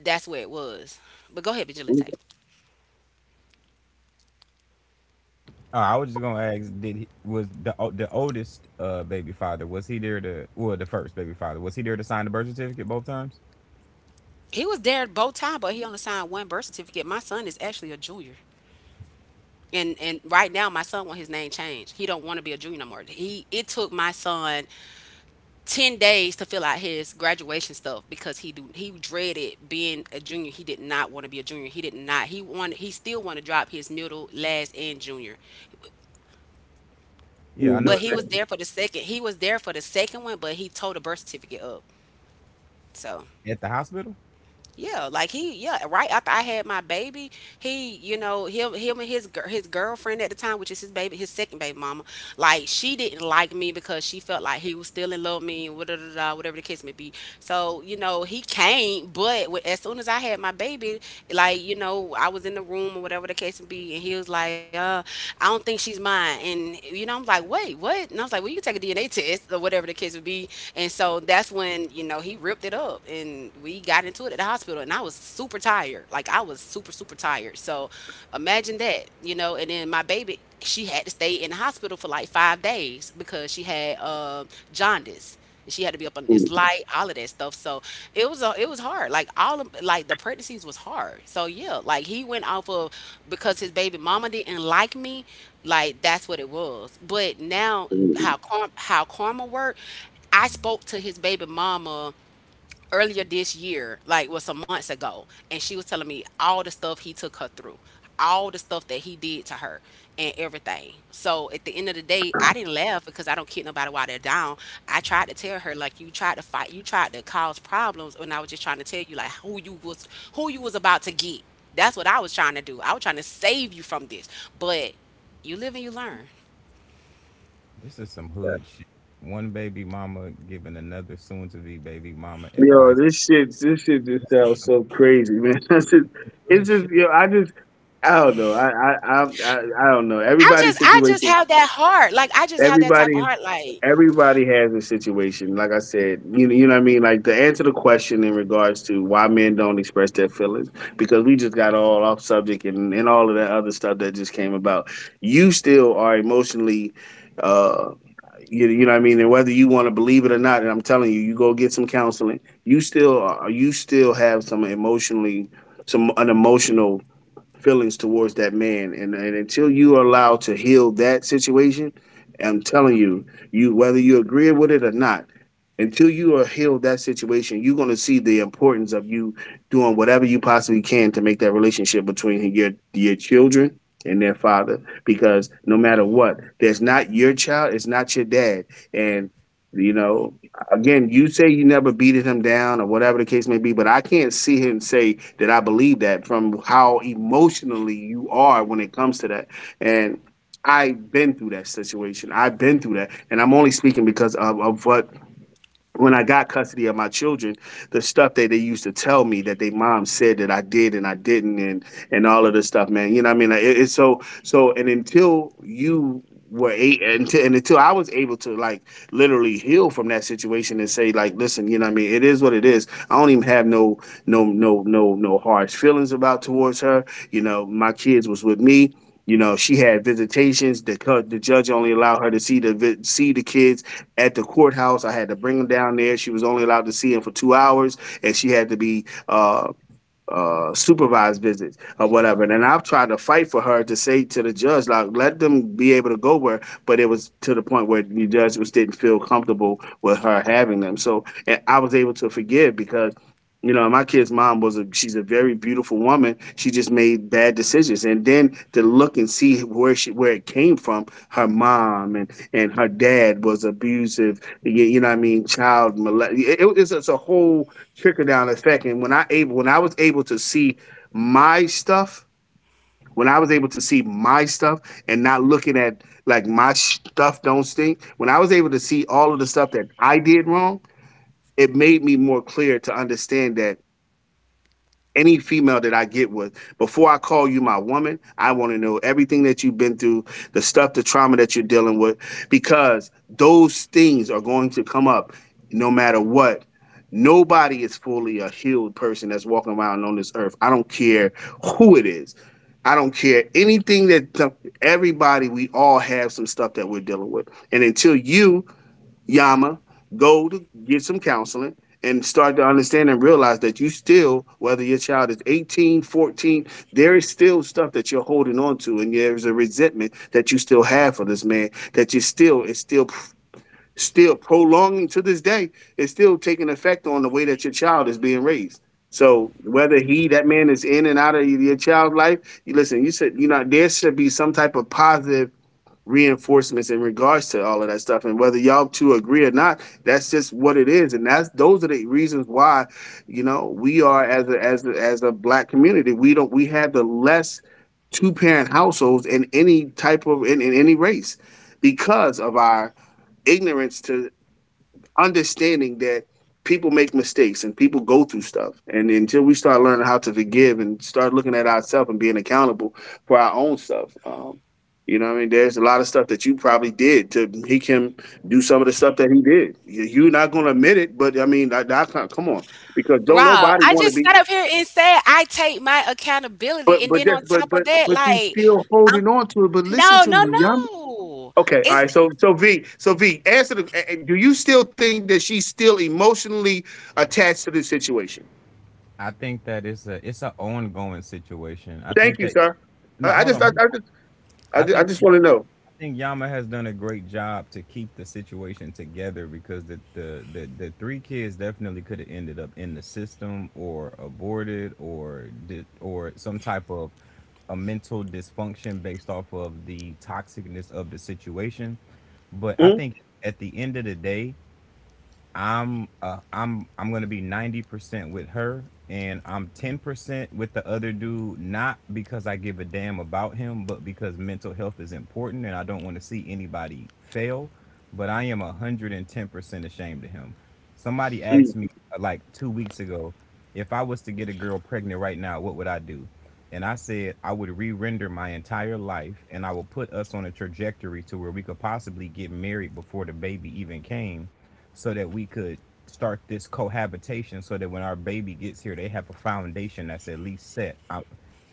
Speaker 2: that's where it was. But go ahead, Vigilante.
Speaker 1: Oh, I was just gonna ask, did he was the o- the oldest baby father, was he there to well the first baby father, was he there to sign the birth certificate both times?
Speaker 2: He was there both time, but he only signed one birth certificate. My son is actually a junior. And right now my son want his name changed. He don't want to be a junior no more. He it took my son 10 days to fill out his graduation stuff because he dreaded being a junior. He did not want to be a junior. He did not he wanted, he still wanted to drop his middle last and junior,
Speaker 1: Yeah, I
Speaker 2: but
Speaker 1: know it's
Speaker 2: he was there for the second one, but he tore the birth certificate up. So
Speaker 1: at the hospital.
Speaker 2: yeah, like he, yeah, right after I had my baby, he, you know, him and his his girlfriend at the time, which is his baby, his second baby mama, like she didn't like me because she felt like he was still in love with me and whatever, whatever the case may be. So you know, he came, but as soon as I had my baby, like you know, I was in the room or whatever the case may be, and he was like, I don't think she's mine, and you know, I'm like, wait, what? And I was like, well, you can take a DNA test or whatever the case would be, and so that's when you know he ripped it up and we got into it at the hospital, and I was super tired. Like I was super tired. So imagine that, you know, and then my baby she had to stay in the hospital for like 5 days because she had jaundice. She had to be up on this light, all of that stuff. So it was hard. Like all of like the pregnancies was hard. So yeah, like he went off of because his baby mama didn't like me. Like that's what it was. But now how karma worked, I spoke to his baby mama earlier this year, like was some months ago, and she was telling me all the stuff he took her through, all the stuff that he did to her, and everything. So at the end of the day, I didn't laugh because I don't kid nobody while they're down. I tried to tell her like you tried to fight, you tried to cause problems, and I was just trying to tell you like who you was about to get. That's what I was trying to do. I was trying to save you from this, but you live and you learn.
Speaker 1: This is some hood shit. One baby mama giving another soon to be baby mama
Speaker 3: Yo,
Speaker 1: advice.
Speaker 3: this shit just
Speaker 1: This
Speaker 3: sounds
Speaker 1: is
Speaker 3: so crazy, man. That's just
Speaker 1: doing
Speaker 3: it's just,
Speaker 1: shit.
Speaker 3: you know, I just I don't know. I don't know.
Speaker 2: I just have that heart. Like I just have that type
Speaker 3: Everybody
Speaker 2: of heart.
Speaker 3: Everybody has a situation. Like I said, you know what I mean, like, to answer the question in regards to why men don't express their feelings, because we just got all off subject and all of that other stuff that just came about. You still are emotionally, uh you, you know what I mean, and whether you want to believe it or not, and I'm telling you, you go get some counseling. You still have some emotionally, some an emotional feelings towards that man, and until you are allowed to heal that situation. I'm telling you you, whether you agree with it or not, until you are healed that situation, you're going to see the importance of you doing whatever you possibly can to make that relationship between your children and their father, because no matter what, there's not your child, it's not your dad. And you know again, you say you never beated him down or whatever the case may be, but I can't see him say that. I believe that from how emotionally you are when it comes to that. And I've been through that situation. I've been through that. And I'm only speaking because of what, when I got custody of my children, the stuff that they used to tell me that they mom said that I did and I didn't, and all of this stuff, man. You know what I mean? Like, it's so so, and until you were eight, until I was able to like literally heal from that situation and say like, listen, you know what I mean? It is what it is. I don't even have no no harsh feelings about towards her. You know, my kids was with me. You know, she had visitations. The judge only allowed her to see see the kids at the courthouse. I had to bring him down there. She was only allowed to see him for 2 hours, and she had to be supervised visits or whatever. And I've tried to fight for her to say to the judge, like, let them be able to go where, but it was to the point where the judge just didn't feel comfortable with her having them. So, and I was able to forgive, because you know, my kid's mom was a she's a very beautiful woman. She just made bad decisions, and then to look and see where she where it came from, her mom and her dad was abusive. You know what I mean, child molest. It's a whole trickle down effect. And when I was able to see my stuff, when I was able to see my stuff and not looking at like my stuff don't stink, when I was able to see all of the stuff that I did wrong, it made me more clear to understand that any female that I get with, before I call you my woman, I want to know everything that you've been through, the stuff, the trauma that you're dealing with, because those things are going to come up no matter what. Nobody is fully a healed person that's walking around on this earth. I don't care who it is. I don't care anything that, everybody, we all have some stuff that we're dealing with. And until you, Yama, go to get some counseling and start to understand and realize that you still, whether your child is 18, 14, there is still stuff that you're holding on to. And there's a resentment that you still have for this man that you still, it's still, still prolonging to this day. It's still taking effect on the way that your child is being raised. So whether that man is in and out of your child's life, you listen, you said, you know, there should be some type of positive reinforcements in regards to all of that stuff. And whether y'all two agree or not, that's just what it is. And that's those are the reasons why, you know, we are as as a black community, we don't we have the less two parent households in any type of in any race because of our ignorance to understanding that people make mistakes and people go through stuff. And until we start learning how to forgive and start looking at ourselves and being accountable for our own stuff, you know what I mean, there's a lot of stuff that you probably did to make him do some of the stuff that he did. You're not going to admit it, but I mean, I can't, come on, because don't
Speaker 2: Rob,
Speaker 3: nobody
Speaker 2: I
Speaker 3: want to
Speaker 2: just
Speaker 3: be.
Speaker 2: sat up here and said I take my accountability,
Speaker 3: But
Speaker 2: and
Speaker 3: but
Speaker 2: then
Speaker 3: that's
Speaker 2: on
Speaker 3: but
Speaker 2: top of
Speaker 3: but
Speaker 2: that,
Speaker 3: but you still holding on to it. But listen
Speaker 2: no,
Speaker 3: to
Speaker 2: no,
Speaker 3: me, y'all.
Speaker 2: no.
Speaker 3: Okay, all
Speaker 2: It's
Speaker 3: right. So V, answer the. Do you still think that she's still emotionally attached to this situation?
Speaker 1: I think that it's an ongoing situation. I
Speaker 3: Thank
Speaker 1: think
Speaker 3: you,
Speaker 1: that—
Speaker 3: sir.
Speaker 1: no,
Speaker 3: I, I
Speaker 1: hold
Speaker 3: just, I, I
Speaker 1: on.
Speaker 3: just,
Speaker 1: I
Speaker 3: I
Speaker 1: think
Speaker 3: just want to know.
Speaker 1: I think Yama has done a great job to keep the situation together because the three kids definitely could have ended up in the system or aborted or did or some type of a mental dysfunction based off of the toxicness of the situation. But I
Speaker 3: Mm,
Speaker 1: think at the end of the day, I'm gonna be 90% with her, and I'm 10% with the other dude. Not because I give a damn about him, but because mental health is important, and I don't want to see anybody fail. But I am 110% ashamed of him. Somebody
Speaker 3: mm,
Speaker 1: asked me like 2 weeks ago, if I was to get a girl pregnant right now, what would I do? And I said I would re-render my entire life, and I would put us on a trajectory to where we could possibly get married before the baby even came, so that we could start this cohabitation so that when our baby gets here they have a foundation that's at least set. I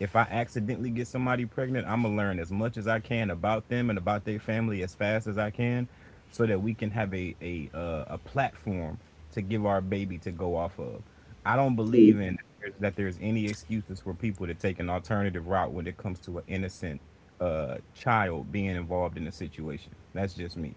Speaker 1: if I accidentally get somebody pregnant, I'm gonna learn as much as I can about them and about their family as fast as I can, so that we can have a platform to give our baby to go off of. I don't believe
Speaker 3: mm,
Speaker 1: in that there's any excuses for people to take an alternative route when it comes to an innocent child being involved in a situation. That's just me.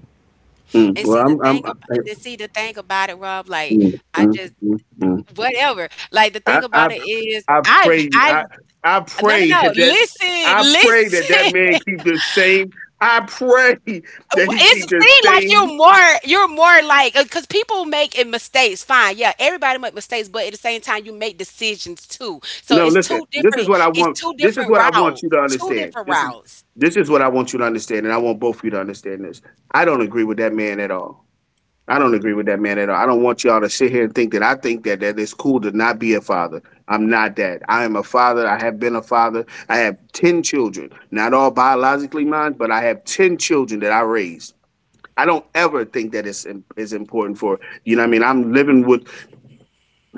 Speaker 3: mm.
Speaker 2: and
Speaker 3: Well,
Speaker 2: see the thing about
Speaker 3: I,
Speaker 2: and then see the thing about it, Rob. Like,
Speaker 3: mm,
Speaker 2: I
Speaker 3: mm,
Speaker 2: just
Speaker 3: mm, mm.
Speaker 2: whatever. The
Speaker 3: I,
Speaker 2: thing
Speaker 3: I,
Speaker 2: about it is,
Speaker 3: I
Speaker 2: I've
Speaker 3: pray,
Speaker 2: I've
Speaker 3: I, I
Speaker 2: no, no,
Speaker 3: pray
Speaker 2: no. Listen,
Speaker 3: I pray that that
Speaker 2: listen.
Speaker 3: man keep the same. I pray that he
Speaker 2: It's
Speaker 3: keep the
Speaker 2: seems like
Speaker 3: same.
Speaker 2: you're more like, because people make it mistakes. Fine, yeah, everybody make mistakes, but at the same time, you make decisions too. So
Speaker 3: No,
Speaker 2: it's
Speaker 3: listen.
Speaker 2: two
Speaker 3: This is
Speaker 2: different.
Speaker 3: what I
Speaker 2: It's
Speaker 3: want.
Speaker 2: two
Speaker 3: This is
Speaker 2: different
Speaker 3: what I want
Speaker 2: routes.
Speaker 3: you to
Speaker 2: Two
Speaker 3: understand.
Speaker 2: different
Speaker 3: This is
Speaker 2: routes.
Speaker 3: this is what I want you to understand, and I want both of you to understand this. I don't agree with that man at all. I don't agree with that man at all. I don't want y'all to sit here and think that I think that it's cool to not be a father. I'm not that. I am a father. I have been a father. I have 10 children, not all biologically mine, but I have 10 children that I raised. I don't ever think that it's im- is important for, you know what I mean, I'm living with,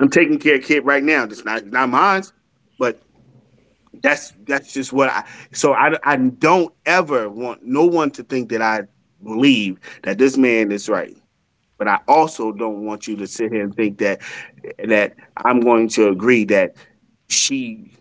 Speaker 3: I'm taking care of a kid right now. It's not Not mine. But that's just what I. So I don't ever want no one to think that I believe that this man is right. But I also don't want you to sit here and think that I'm going to agree that she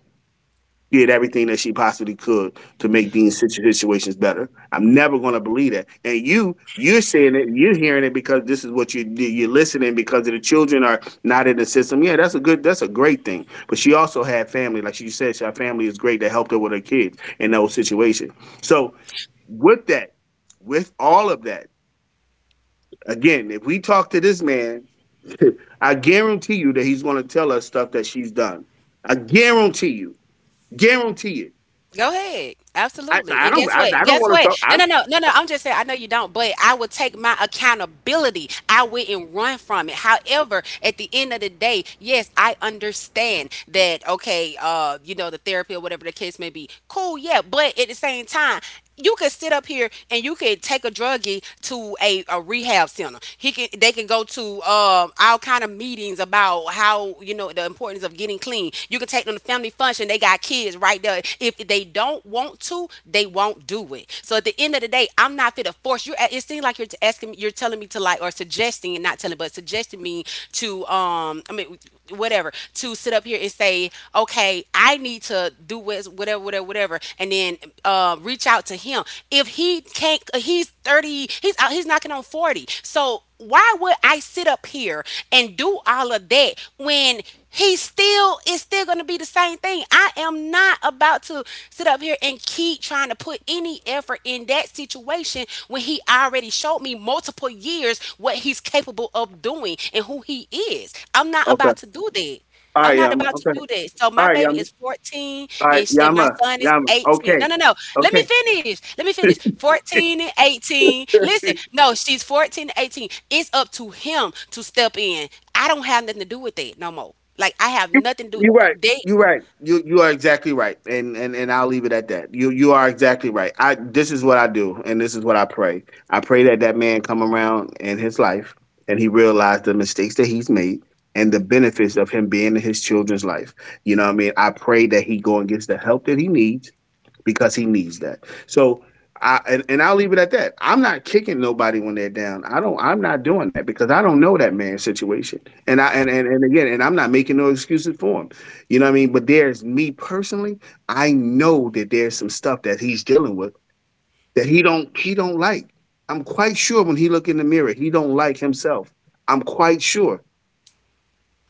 Speaker 3: did everything that she possibly could to make these situations better. I'm never going to believe that. And you're saying it, you're hearing it because this is what you're listening because of the children are not in the system. Yeah, that's a good, that's a great thing. But she also had family, like she said, her family is great that helped her with her kids in those situations. So with that, with all of that, again, if we talk to this man, I guarantee you that he's going to tell us stuff that she's done. I guarantee you, guarantee it.
Speaker 2: Go ahead, absolutely. And guess
Speaker 3: I,
Speaker 2: what?
Speaker 3: I don't
Speaker 2: Guess
Speaker 3: want to
Speaker 2: what?
Speaker 3: talk.
Speaker 2: No,
Speaker 3: I,
Speaker 2: no, no, no, no. I'm just saying. I know you don't, but I would take my accountability. I wouldn't run from it. However, at the end of the day, yes, I understand that. Okay, you know, the therapy or whatever the case may be. Cool, yeah. But at the same time, you could sit up here and you could take a druggie to a rehab center. He can they can go to all kind of meetings about, how you know, the importance of getting clean. You can take them to family function. They got kids right there. If they don't want to, they won't do it. So at the end of the day, I'm not fit to force you. It seems like you're asking, you're telling me to, like, or suggesting — and not telling, but suggesting me to, I mean what whatever to sit up here and say, okay, I need to do what's- whatever, whatever, whatever, and then reach out to him. If he can't, he's 30. He's out. He's knocking on 40. So why would I sit up here and do all of that when he still going to be the same thing? I am not about to sit up here and keep trying to put any effort in that situation when he already showed me multiple years what he's capable of doing and who he is. I'm not
Speaker 3: okay.
Speaker 2: about to do that.
Speaker 3: All
Speaker 2: I'm
Speaker 3: right,
Speaker 2: not
Speaker 3: Yama.
Speaker 2: about to
Speaker 3: Okay.
Speaker 2: do that. So
Speaker 3: All
Speaker 2: my
Speaker 3: right,
Speaker 2: baby
Speaker 3: Yama.
Speaker 2: is 14
Speaker 3: All right,
Speaker 2: and, sh- and my
Speaker 3: Yama.
Speaker 2: son is
Speaker 3: Yama.
Speaker 2: 18. No,
Speaker 3: Okay.
Speaker 2: no, no. Let me
Speaker 3: Okay.
Speaker 2: finish. Let me finish. 14 and 18. Listen, no, she's 14 and 18. It's up to him to step in. I don't have nothing to do with that no more. Like, I have
Speaker 3: you
Speaker 2: nothing to do
Speaker 3: you
Speaker 2: with that.
Speaker 3: right.
Speaker 2: They —
Speaker 3: You right. You are exactly right. And I'll leave it at that. You are exactly right. I, this is what I do, and this is what I pray. I pray that that man come around in his life, and he realize the mistakes that he's made. And the benefits of him being in his children's life, you know what I mean. I pray that he go and gets the help that he needs, because he needs that. So I and I'll leave it at that. I'm not kicking nobody when they're down. I'm not doing that because I don't know that man's situation. And again, and I'm not making no excuses for him. You know what I mean? But there's me personally, I know that there's some stuff that he's dealing with that he don't like. I'm quite sure when he look in the mirror, he don't like himself. I'm quite sure.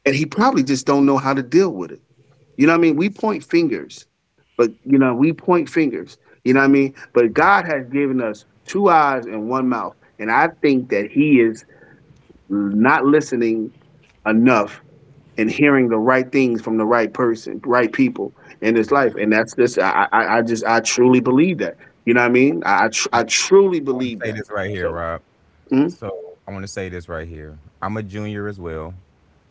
Speaker 3: And he probably just don't know how to deal with it. You know what I mean? We point fingers, but you know, we point fingers. You know what I mean? But God has given us two eyes and one mouth. And I think that He is not listening enough and hearing the right things from the right person, right people in his life. And that's this, I truly believe that. You know what I mean? I truly
Speaker 1: I want
Speaker 3: believe
Speaker 1: to say
Speaker 3: that.
Speaker 1: this right here,
Speaker 3: So,
Speaker 1: Rob.
Speaker 3: mm-hmm.
Speaker 1: So I want to say this right here. I'm a junior as well.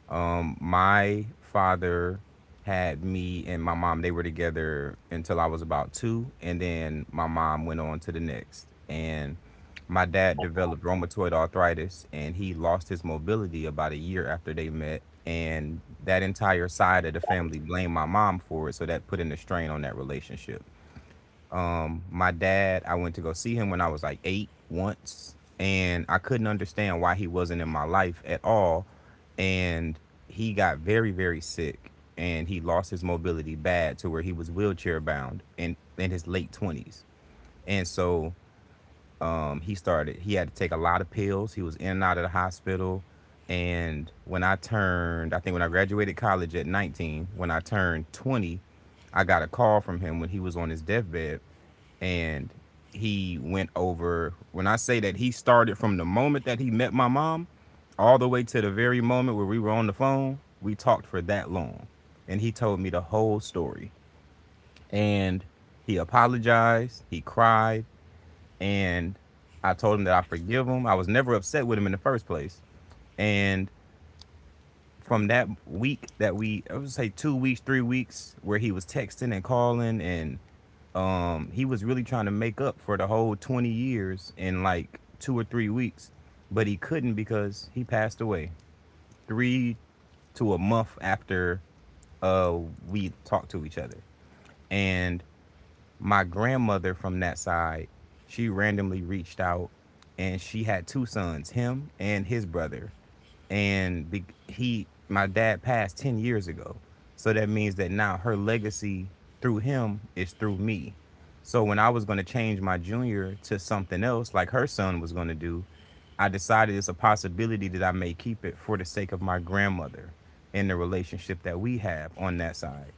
Speaker 1: My father had me and my mom. They were together until I was about two, and then my mom went on to the next. And my dad developed rheumatoid arthritis, and he lost his mobility about a year after they met. And that entire side of the family blamed my mom for it, so that put in a strain on that relationship. My dad, I went to go see him when I was like eight once, and I couldn't understand why he wasn't in my life at all. And he got very, very sick, and he lost his mobility bad to where he was wheelchair bound in his late 20s. And so, he started— he had to take a lot of pills. He was in and out of the hospital. And when I turned— I think when I graduated college at 19, when I turned 20, I got a call from him when he was on his deathbed, and he went over— when I say that, he started from the moment that he met my mom all the way to the very moment where we were on the phone. We talked for that long. And he told me the whole story. And he apologized, he cried, and I told him that I forgive him. I was never upset with him in the first place. And from that week that we— I would say 2 weeks, 3 weeks, where he was texting and calling and he was really trying to make up for the whole 20 years in like 2 or 3 weeks, but he couldn't, because he passed away three— to a month after uh, we talked to each other. And my grandmother from that side, she randomly reached out, and she had two sons, him and his brother. And be, he my dad passed 10 years ago, so that means that now her legacy through him is through me. So when I was going to change my junior to something else like her son was going to do, I decided it's a possibility that I may keep it for the sake of my grandmother and the relationship that we have on that side.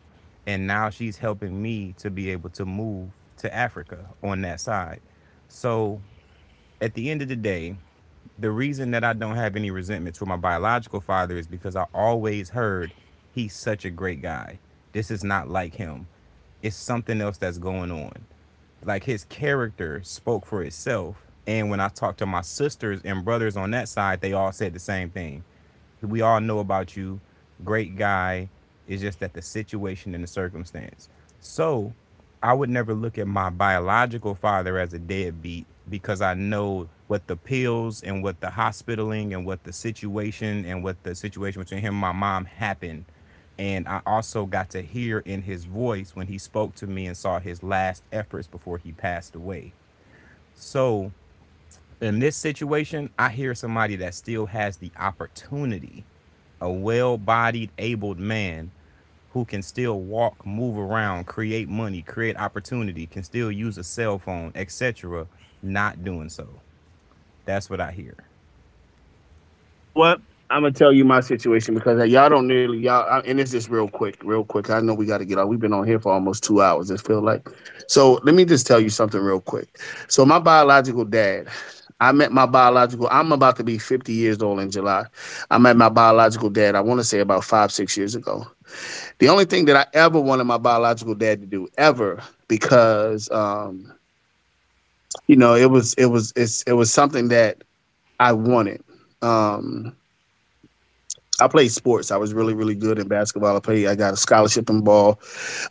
Speaker 1: And now she's helping me to be able to move to Africa on that side. So at the end of the day, the reason that I don't have any resentment toward my biological father is because I always heard he's such a great guy. This is not like him. It's something else that's going on. Like, his character spoke for itself. And when I talked to my sisters and brothers on that side, they all said the same thing. We all know about you. Great guy. It's just that the situation and the circumstance. So I would never look at my biological father as a deadbeat, because I know what the pills and what the hospitaling and what the situation and what the situation between him and my mom happened. And I also got to hear in his voice when he spoke to me and saw his last efforts before he passed away. So in this situation, I hear somebody that still has the opportunity, a well bodied, abled man who can still walk, move around, create money, create opportunity, can still use a cell phone, etc., not doing so. That's what I hear.
Speaker 3: Know what? I'm gonna tell you my situation because y'all don't nearly y'all. I, and it's just real quick. I know we got to get out. We've been on here for almost 2 hours. It feel like. So let me just tell you something real quick. So my biological dad, I met my biological. I'm about to be 50 years old in July. I met my biological dad. I want to say about 5, 6 years ago. The only thing that I ever wanted my biological dad to do ever, because you know, it was something that I wanted. Um, I played sports. I was really, really good in basketball. I played. I got a scholarship in ball.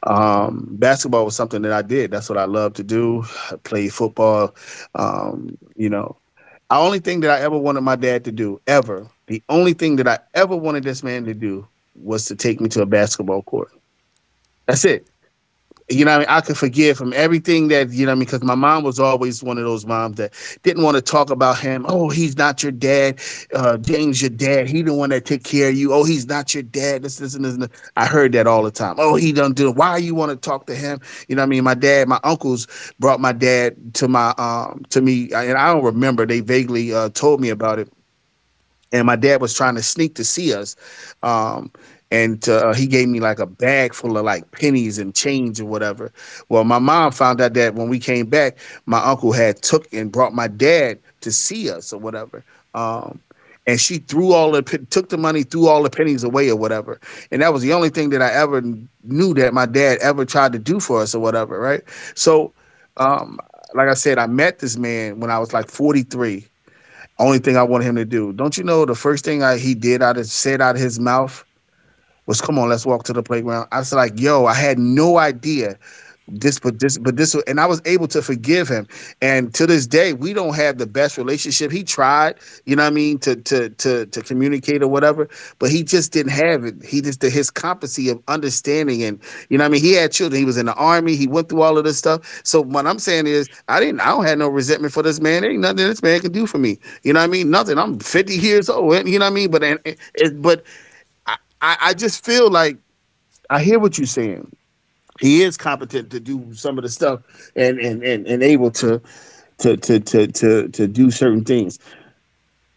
Speaker 3: Basketball was something that I did. That's what I loved to do. I played football. You know, the only thing that I ever wanted my dad to do, ever, the only thing that I ever wanted this man to do was to take me to a basketball court. That's it. You know what I mean, I could forgive him everything that, you know what I mean, because my mom was always one of those moms that didn't want to talk about him. Oh, he's not your dad. James, your dad. He the one that took care of you. Oh, he's not your dad. This, and this. And this. I heard that all the time. Oh, he done do it. Why you want to talk to him? You know what I mean, my dad, my uncles brought my dad to my to me, and I don't remember. They vaguely told me about it, and my dad was trying to sneak to see us, um and he gave me like a bag full of like pennies and change or whatever. Well, my mom found out that when we came back, my uncle had took and brought my dad to see us or whatever. um and she threw all the took the money, threw all the pennies away or whatever. And that was the only thing that I ever knew that my dad ever tried to do for us or whatever, right? So um like I said, I met this man when I was like 43. Only thing I wanted him to do. Don't you know the first thing he did out of, said out of his mouth was, "Come on, let's walk to the playground." I was like, "Yo, I had no idea." This but this but this, and I was able to forgive him. And to this day we don't have the best relationship. He tried, you know what I mean, to communicate or whatever, but he just didn't have it. He just, his competency of understanding, and you know what I mean, he had children, he was in the army, he went through all of this stuff. So what I'm saying is, I don't have no resentment for this man. There ain't nothing this man can do for me, you know what I mean, nothing. I'm 50 years old, you know what I mean. But I, I just feel like, I hear what you're saying. He is competent to do some of the stuff, and able to do certain things.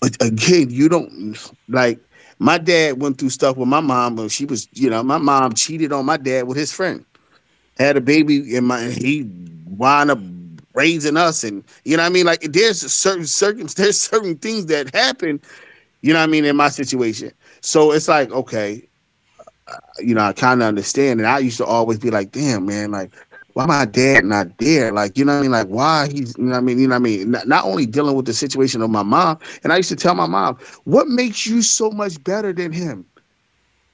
Speaker 3: But again, you don't, like, my dad went through stuff with my mom when she was, you know, my mom cheated on my dad with his friend, had a baby, and my he wound up raising us. And you know what I mean, like, there's certain circum there's certain things that happen, you know what I mean, in my situation. So it's like, okay, you know, I kind of understand. And I used to always be like, damn, man, like, why my dad not there? Like, you know what I mean? Like, you know what I mean? You know what I mean? Not only dealing with the situation of my mom. And I used to tell my mom, what makes you so much better than him?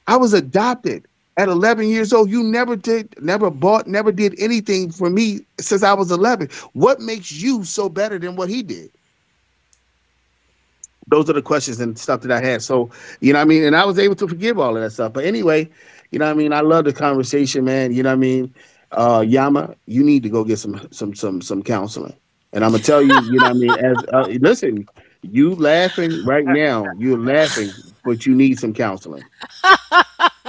Speaker 3: I was adopted at 11 years old. You never did, never bought, never did anything for me since I was 11. What makes you so better than what he did? Those are the questions and stuff that I had. So, you know what I mean? And I was able to forgive all of that stuff. But anyway, you know what I mean, I love the conversation, man. You know what I mean? Yama, you need to go get some counseling. And I'm gonna tell you, you know what I mean, as listen, you laughing right now, you're laughing, but you need some counseling.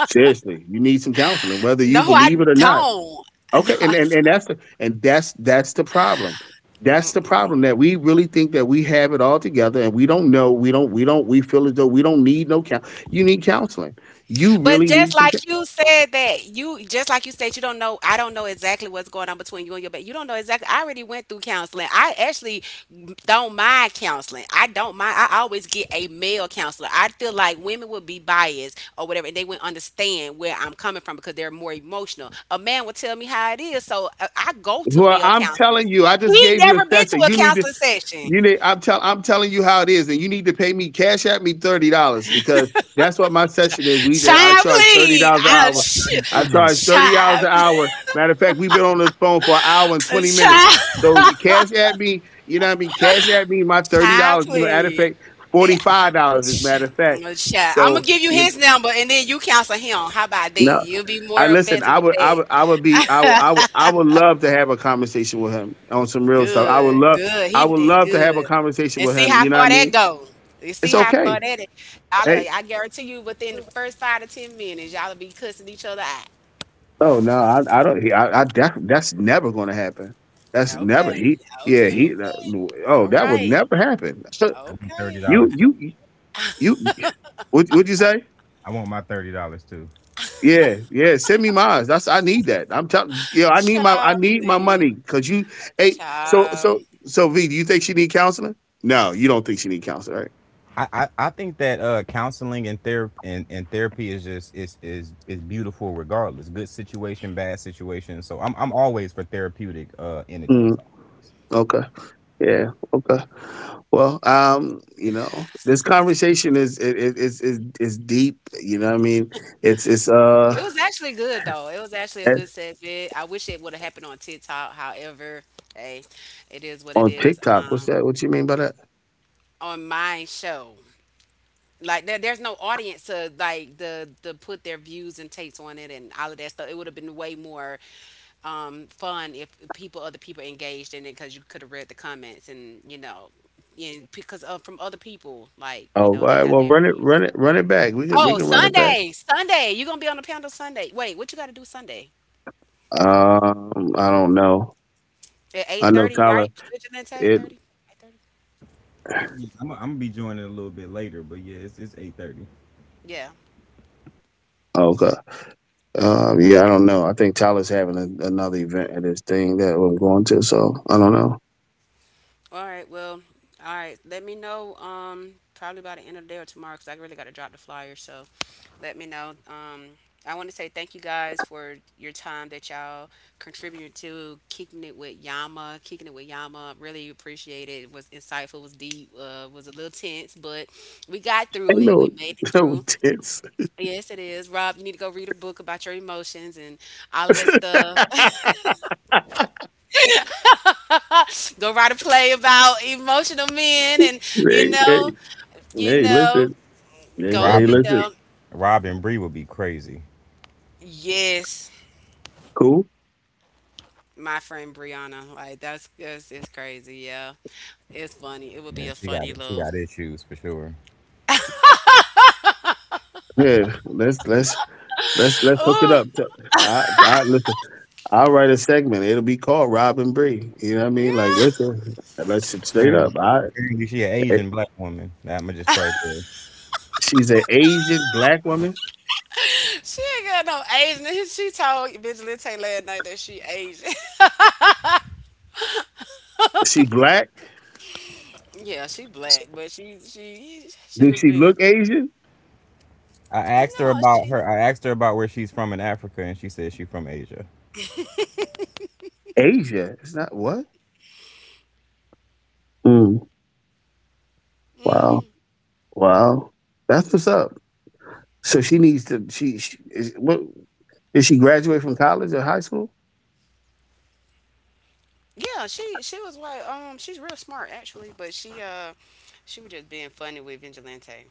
Speaker 3: Seriously, you need some counseling, whether you
Speaker 2: no, I
Speaker 3: believe it or not.
Speaker 2: don't. No,
Speaker 3: Okay,
Speaker 2: I —
Speaker 3: and that's the, and that's the problem. That's the problem, that we really think that we have it all together, and we don't know. We don't. We don't. We feel as though we don't need no counsel. You need counseling. You
Speaker 2: but
Speaker 3: really
Speaker 2: just
Speaker 3: need some
Speaker 2: like you said that you — just like you said, you don't know, I don't know exactly what's going on between you and your baby. You don't know exactly. I already went through counseling. I actually don't mind counseling. I don't mind. I always get a male counselor. I feel like women would be biased or whatever and they would not understand where I'm coming from because they're more emotional. A man will tell me how it is. So I go to
Speaker 3: Well,
Speaker 2: male
Speaker 3: I'm telling
Speaker 2: counselors.
Speaker 3: you, I just
Speaker 2: He
Speaker 3: gave you
Speaker 2: never
Speaker 3: a
Speaker 2: been to
Speaker 3: session.
Speaker 2: a
Speaker 3: You need to.
Speaker 2: counseling session.
Speaker 3: You need. I'm telling you how it is, and you need to pay me, cash at me, $30, because that's what my session is. We I
Speaker 2: Child,
Speaker 3: charge thirty
Speaker 2: please.
Speaker 3: dollars an
Speaker 2: I,
Speaker 3: hour. I
Speaker 1: 32
Speaker 2: sh-
Speaker 1: then.
Speaker 3: charge $30
Speaker 2: child,
Speaker 3: an hour. Matter of fact, we've been on this phone for an hour and 20 minutes.
Speaker 2: child,
Speaker 3: So cash at me, you know what I mean, cash at me my thirty
Speaker 2: child,
Speaker 3: dollars. Matter of
Speaker 2: please.
Speaker 3: fact,
Speaker 2: Yeah.
Speaker 3: $45. As a matter of fact.
Speaker 2: I'm gonna
Speaker 3: So
Speaker 2: give you
Speaker 3: you know.
Speaker 2: his number and then you counsel him. How about that?
Speaker 3: No,
Speaker 2: You'll be
Speaker 3: I,
Speaker 2: more
Speaker 3: listen.
Speaker 2: offensive with that.
Speaker 3: I would be, I would love to have a conversation with him on some real stuff.
Speaker 2: Good, good. He
Speaker 3: I would
Speaker 2: did
Speaker 3: love to have a
Speaker 2: good.
Speaker 3: conversation
Speaker 2: And
Speaker 3: with
Speaker 2: see
Speaker 3: him.
Speaker 2: how
Speaker 3: You know what I
Speaker 2: far that
Speaker 3: mean?
Speaker 2: goes. You see
Speaker 3: It's
Speaker 2: how
Speaker 3: okay.
Speaker 2: far that is. Y'all,
Speaker 3: Hey,
Speaker 2: I guarantee you, within the first 5 to 10 minutes, y'all will be cussing each other out.
Speaker 3: oh no, I don't. I that's never going to happen. That's never
Speaker 2: Okay,
Speaker 3: he.
Speaker 2: okay,
Speaker 3: Yeah, he,
Speaker 2: okay.
Speaker 3: oh,
Speaker 2: All
Speaker 3: that would
Speaker 2: right,
Speaker 3: never happen.
Speaker 1: I want
Speaker 2: okay.
Speaker 3: you,
Speaker 1: $30 too.
Speaker 3: you, you. What, what'd you say?
Speaker 1: I want my $30 too.
Speaker 3: Yeah, yeah. Send me mine. That's, I need that. I'm telling. Yeah, I
Speaker 2: Child,
Speaker 3: need my
Speaker 2: please.
Speaker 3: money because you. Hey,
Speaker 2: Child.
Speaker 3: V, do you think she need counseling? No, you don't think she need counseling, right?
Speaker 1: I think that counseling and therapy is just is, is beautiful regardless. Good situation, bad situation. So I'm always for therapeutic entities.
Speaker 3: Mm, okay. Yeah. Okay. Well, you know, this conversation is it it is deep. You know what I mean, it's
Speaker 2: It was actually good though. It was actually a
Speaker 3: eh,
Speaker 2: good set bit. I wish it would have happened on TikTok. However, hey, it is what it
Speaker 3: on
Speaker 2: is.
Speaker 3: TikTok. What's that? What you mean by that?
Speaker 2: On my show, like, there's no audience to, like, the to put their views and takes on it and all of that stuff. It would have been way more fun if people, other people engaged in it because you could have read the comments and, you know, and because of from other people, like,
Speaker 3: Oh,
Speaker 2: you
Speaker 3: all
Speaker 2: know, they
Speaker 3: right.
Speaker 2: have
Speaker 3: Well,
Speaker 2: their opinions.
Speaker 3: run it back. We
Speaker 2: Oh,
Speaker 3: can run it back.
Speaker 2: Sunday, Sunday, you gonna be on the panel Sunday? Wait, what you got to do Sunday?
Speaker 3: I don't know.
Speaker 2: At
Speaker 3: I know
Speaker 2: 8:30,
Speaker 3: Tyler.
Speaker 2: right? Vigilante
Speaker 3: It,
Speaker 2: 8:30? 8:30?
Speaker 1: Yeah, I'm gonna be joining a little bit later, but yeah, it's 8:30.
Speaker 2: Yeah.
Speaker 3: okay. Yeah, I don't know. I think another event at his thing that we're going to. So I don't know.
Speaker 2: All right. Well, all right. Let me know probably by the end of the day or tomorrow cuz I really got to drop the flyer. So, let me know. I want to say thank you guys for your time that y'all contributed to kicking it with Yama, kicking it with Yama. Really appreciate it. It was insightful, was deep, was a little tense, but we got through
Speaker 3: Ain't
Speaker 2: it. We
Speaker 3: no
Speaker 2: made it
Speaker 3: no
Speaker 2: through.
Speaker 3: tits.
Speaker 2: Yes, it is. Rob, you need to go read a book about your emotions and all of that stuff. Go write a play about emotional men and, you
Speaker 3: They-
Speaker 2: know,
Speaker 3: they-
Speaker 2: you
Speaker 3: Hey,
Speaker 2: know,
Speaker 3: listen.
Speaker 2: go,
Speaker 3: Hey,
Speaker 2: you
Speaker 1: Robin
Speaker 3: listen.
Speaker 2: know,
Speaker 1: Robin Bree would be crazy.
Speaker 2: yes,
Speaker 3: Cool.
Speaker 2: my friend Brianna, like, that's — that's — it's crazy. Yeah, it's funny, it would be
Speaker 1: Man,
Speaker 2: a
Speaker 1: she got
Speaker 2: funny
Speaker 1: it. She
Speaker 2: little —
Speaker 1: got issues for sure.
Speaker 3: Yeah, let's hook it
Speaker 2: oh
Speaker 3: up. I listen. I'll write a segment. It'll be called Robin Bree. You know what I mean? Like,
Speaker 2: yeah.
Speaker 3: listen, let's just straight
Speaker 1: Apparently,
Speaker 3: up. I
Speaker 1: apparently she an
Speaker 3: eh,
Speaker 1: Asian black woman. Nah, I'ma just start there.
Speaker 3: she's an Asian black woman.
Speaker 2: She ain't got no Asian. She told Vigilante last night that she Asian.
Speaker 3: Is she black?
Speaker 2: Yeah, she black, but she
Speaker 3: Does
Speaker 2: was
Speaker 3: she
Speaker 2: being —
Speaker 3: look Asian?
Speaker 1: I asked her
Speaker 2: no,
Speaker 1: about
Speaker 2: she —
Speaker 1: her. I asked her about where she's from in Africa, and she said she's from Asia.
Speaker 3: Asia. It's not what? Mm, wow, wow. That's what's up. So she needs to. She is what? Did she graduate from college or high school?
Speaker 2: yeah, she was white. She's real smart actually, but she, she was just being funny with Vigilante.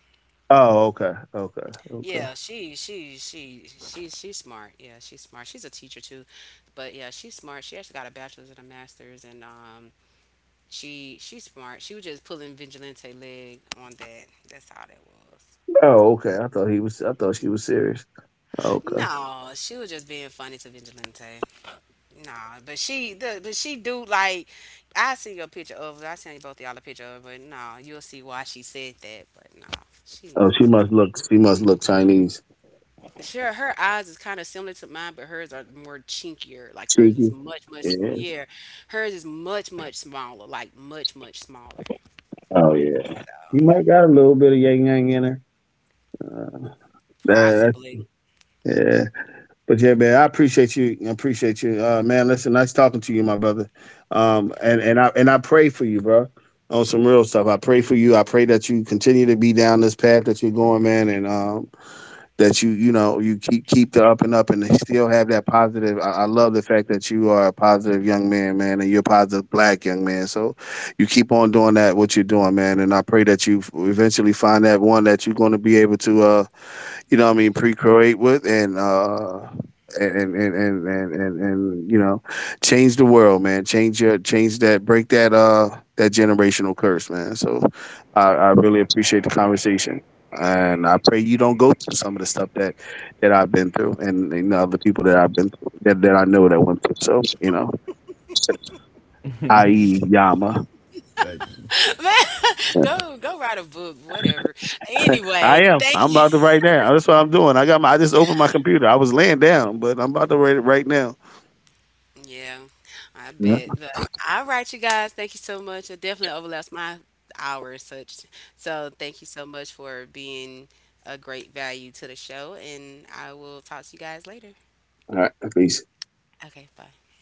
Speaker 3: Oh, okay.
Speaker 2: Yeah, she's smart. Yeah, she's smart. She's a teacher too, but yeah, she's smart. She actually got a bachelor's and a master's, and, she's smart. She was just pulling Vigilante leg on that. That's how that was.
Speaker 3: Oh, okay. I thought he was. I thought she was serious. Okay.
Speaker 2: No, she was just being funny to Vigilante. No, but she do like — I see your picture of her. I seen you — both y'all — a picture of her, but no, you'll see why she said that. But no, she.
Speaker 3: She must look Chinese.
Speaker 2: Sure, her eyes is kind of similar to mine, but hers are more chinkier. Like hers
Speaker 3: Cheeky.
Speaker 2: is much, much, sm-
Speaker 3: Yeah.
Speaker 2: yeah, hers is much, much smaller. Like much, much smaller.
Speaker 3: Oh yeah. She might got a little bit of yang yang in her. Uh, that,
Speaker 2: Possibly.
Speaker 3: yeah. But yeah, man, I appreciate you. I appreciate you, man. Listen, nice talking to you, my brother. And I pray for you, bro. On some real stuff, I pray for you. I pray that you continue to be down this path that you're going, man. And that you know, you keep the up and up and still have that positive. I love the fact that you are a positive young man, man, and you're a positive black young man. So you keep on doing that what you're doing, man. And I pray that you eventually find that one that you're going to be able to you know what I mean, pre croate with. And you know, change the world, man. Change your change that Break that that generational curse, man. So I really appreciate the conversation. And I pray you don't go through some of the stuff that I've been through, and the other people that I've been through, that I know that went through. So, you know, i.e. Yama.
Speaker 1: Like,
Speaker 2: Man, go, go write a book, whatever. Anyway,
Speaker 3: I am.
Speaker 2: thank
Speaker 3: I'm
Speaker 2: you.
Speaker 3: about to write now. That's what I'm doing. I just opened my computer. I was laying down, but I'm about to write it right now.
Speaker 2: Yeah, I
Speaker 3: Yeah.
Speaker 2: bet. But all right, you guys, thank you so much. It definitely overlaps my hour and such. So thank you so much for being a great value to the show, and I will talk to you guys later.
Speaker 3: All right. Peace.
Speaker 2: Okay, bye.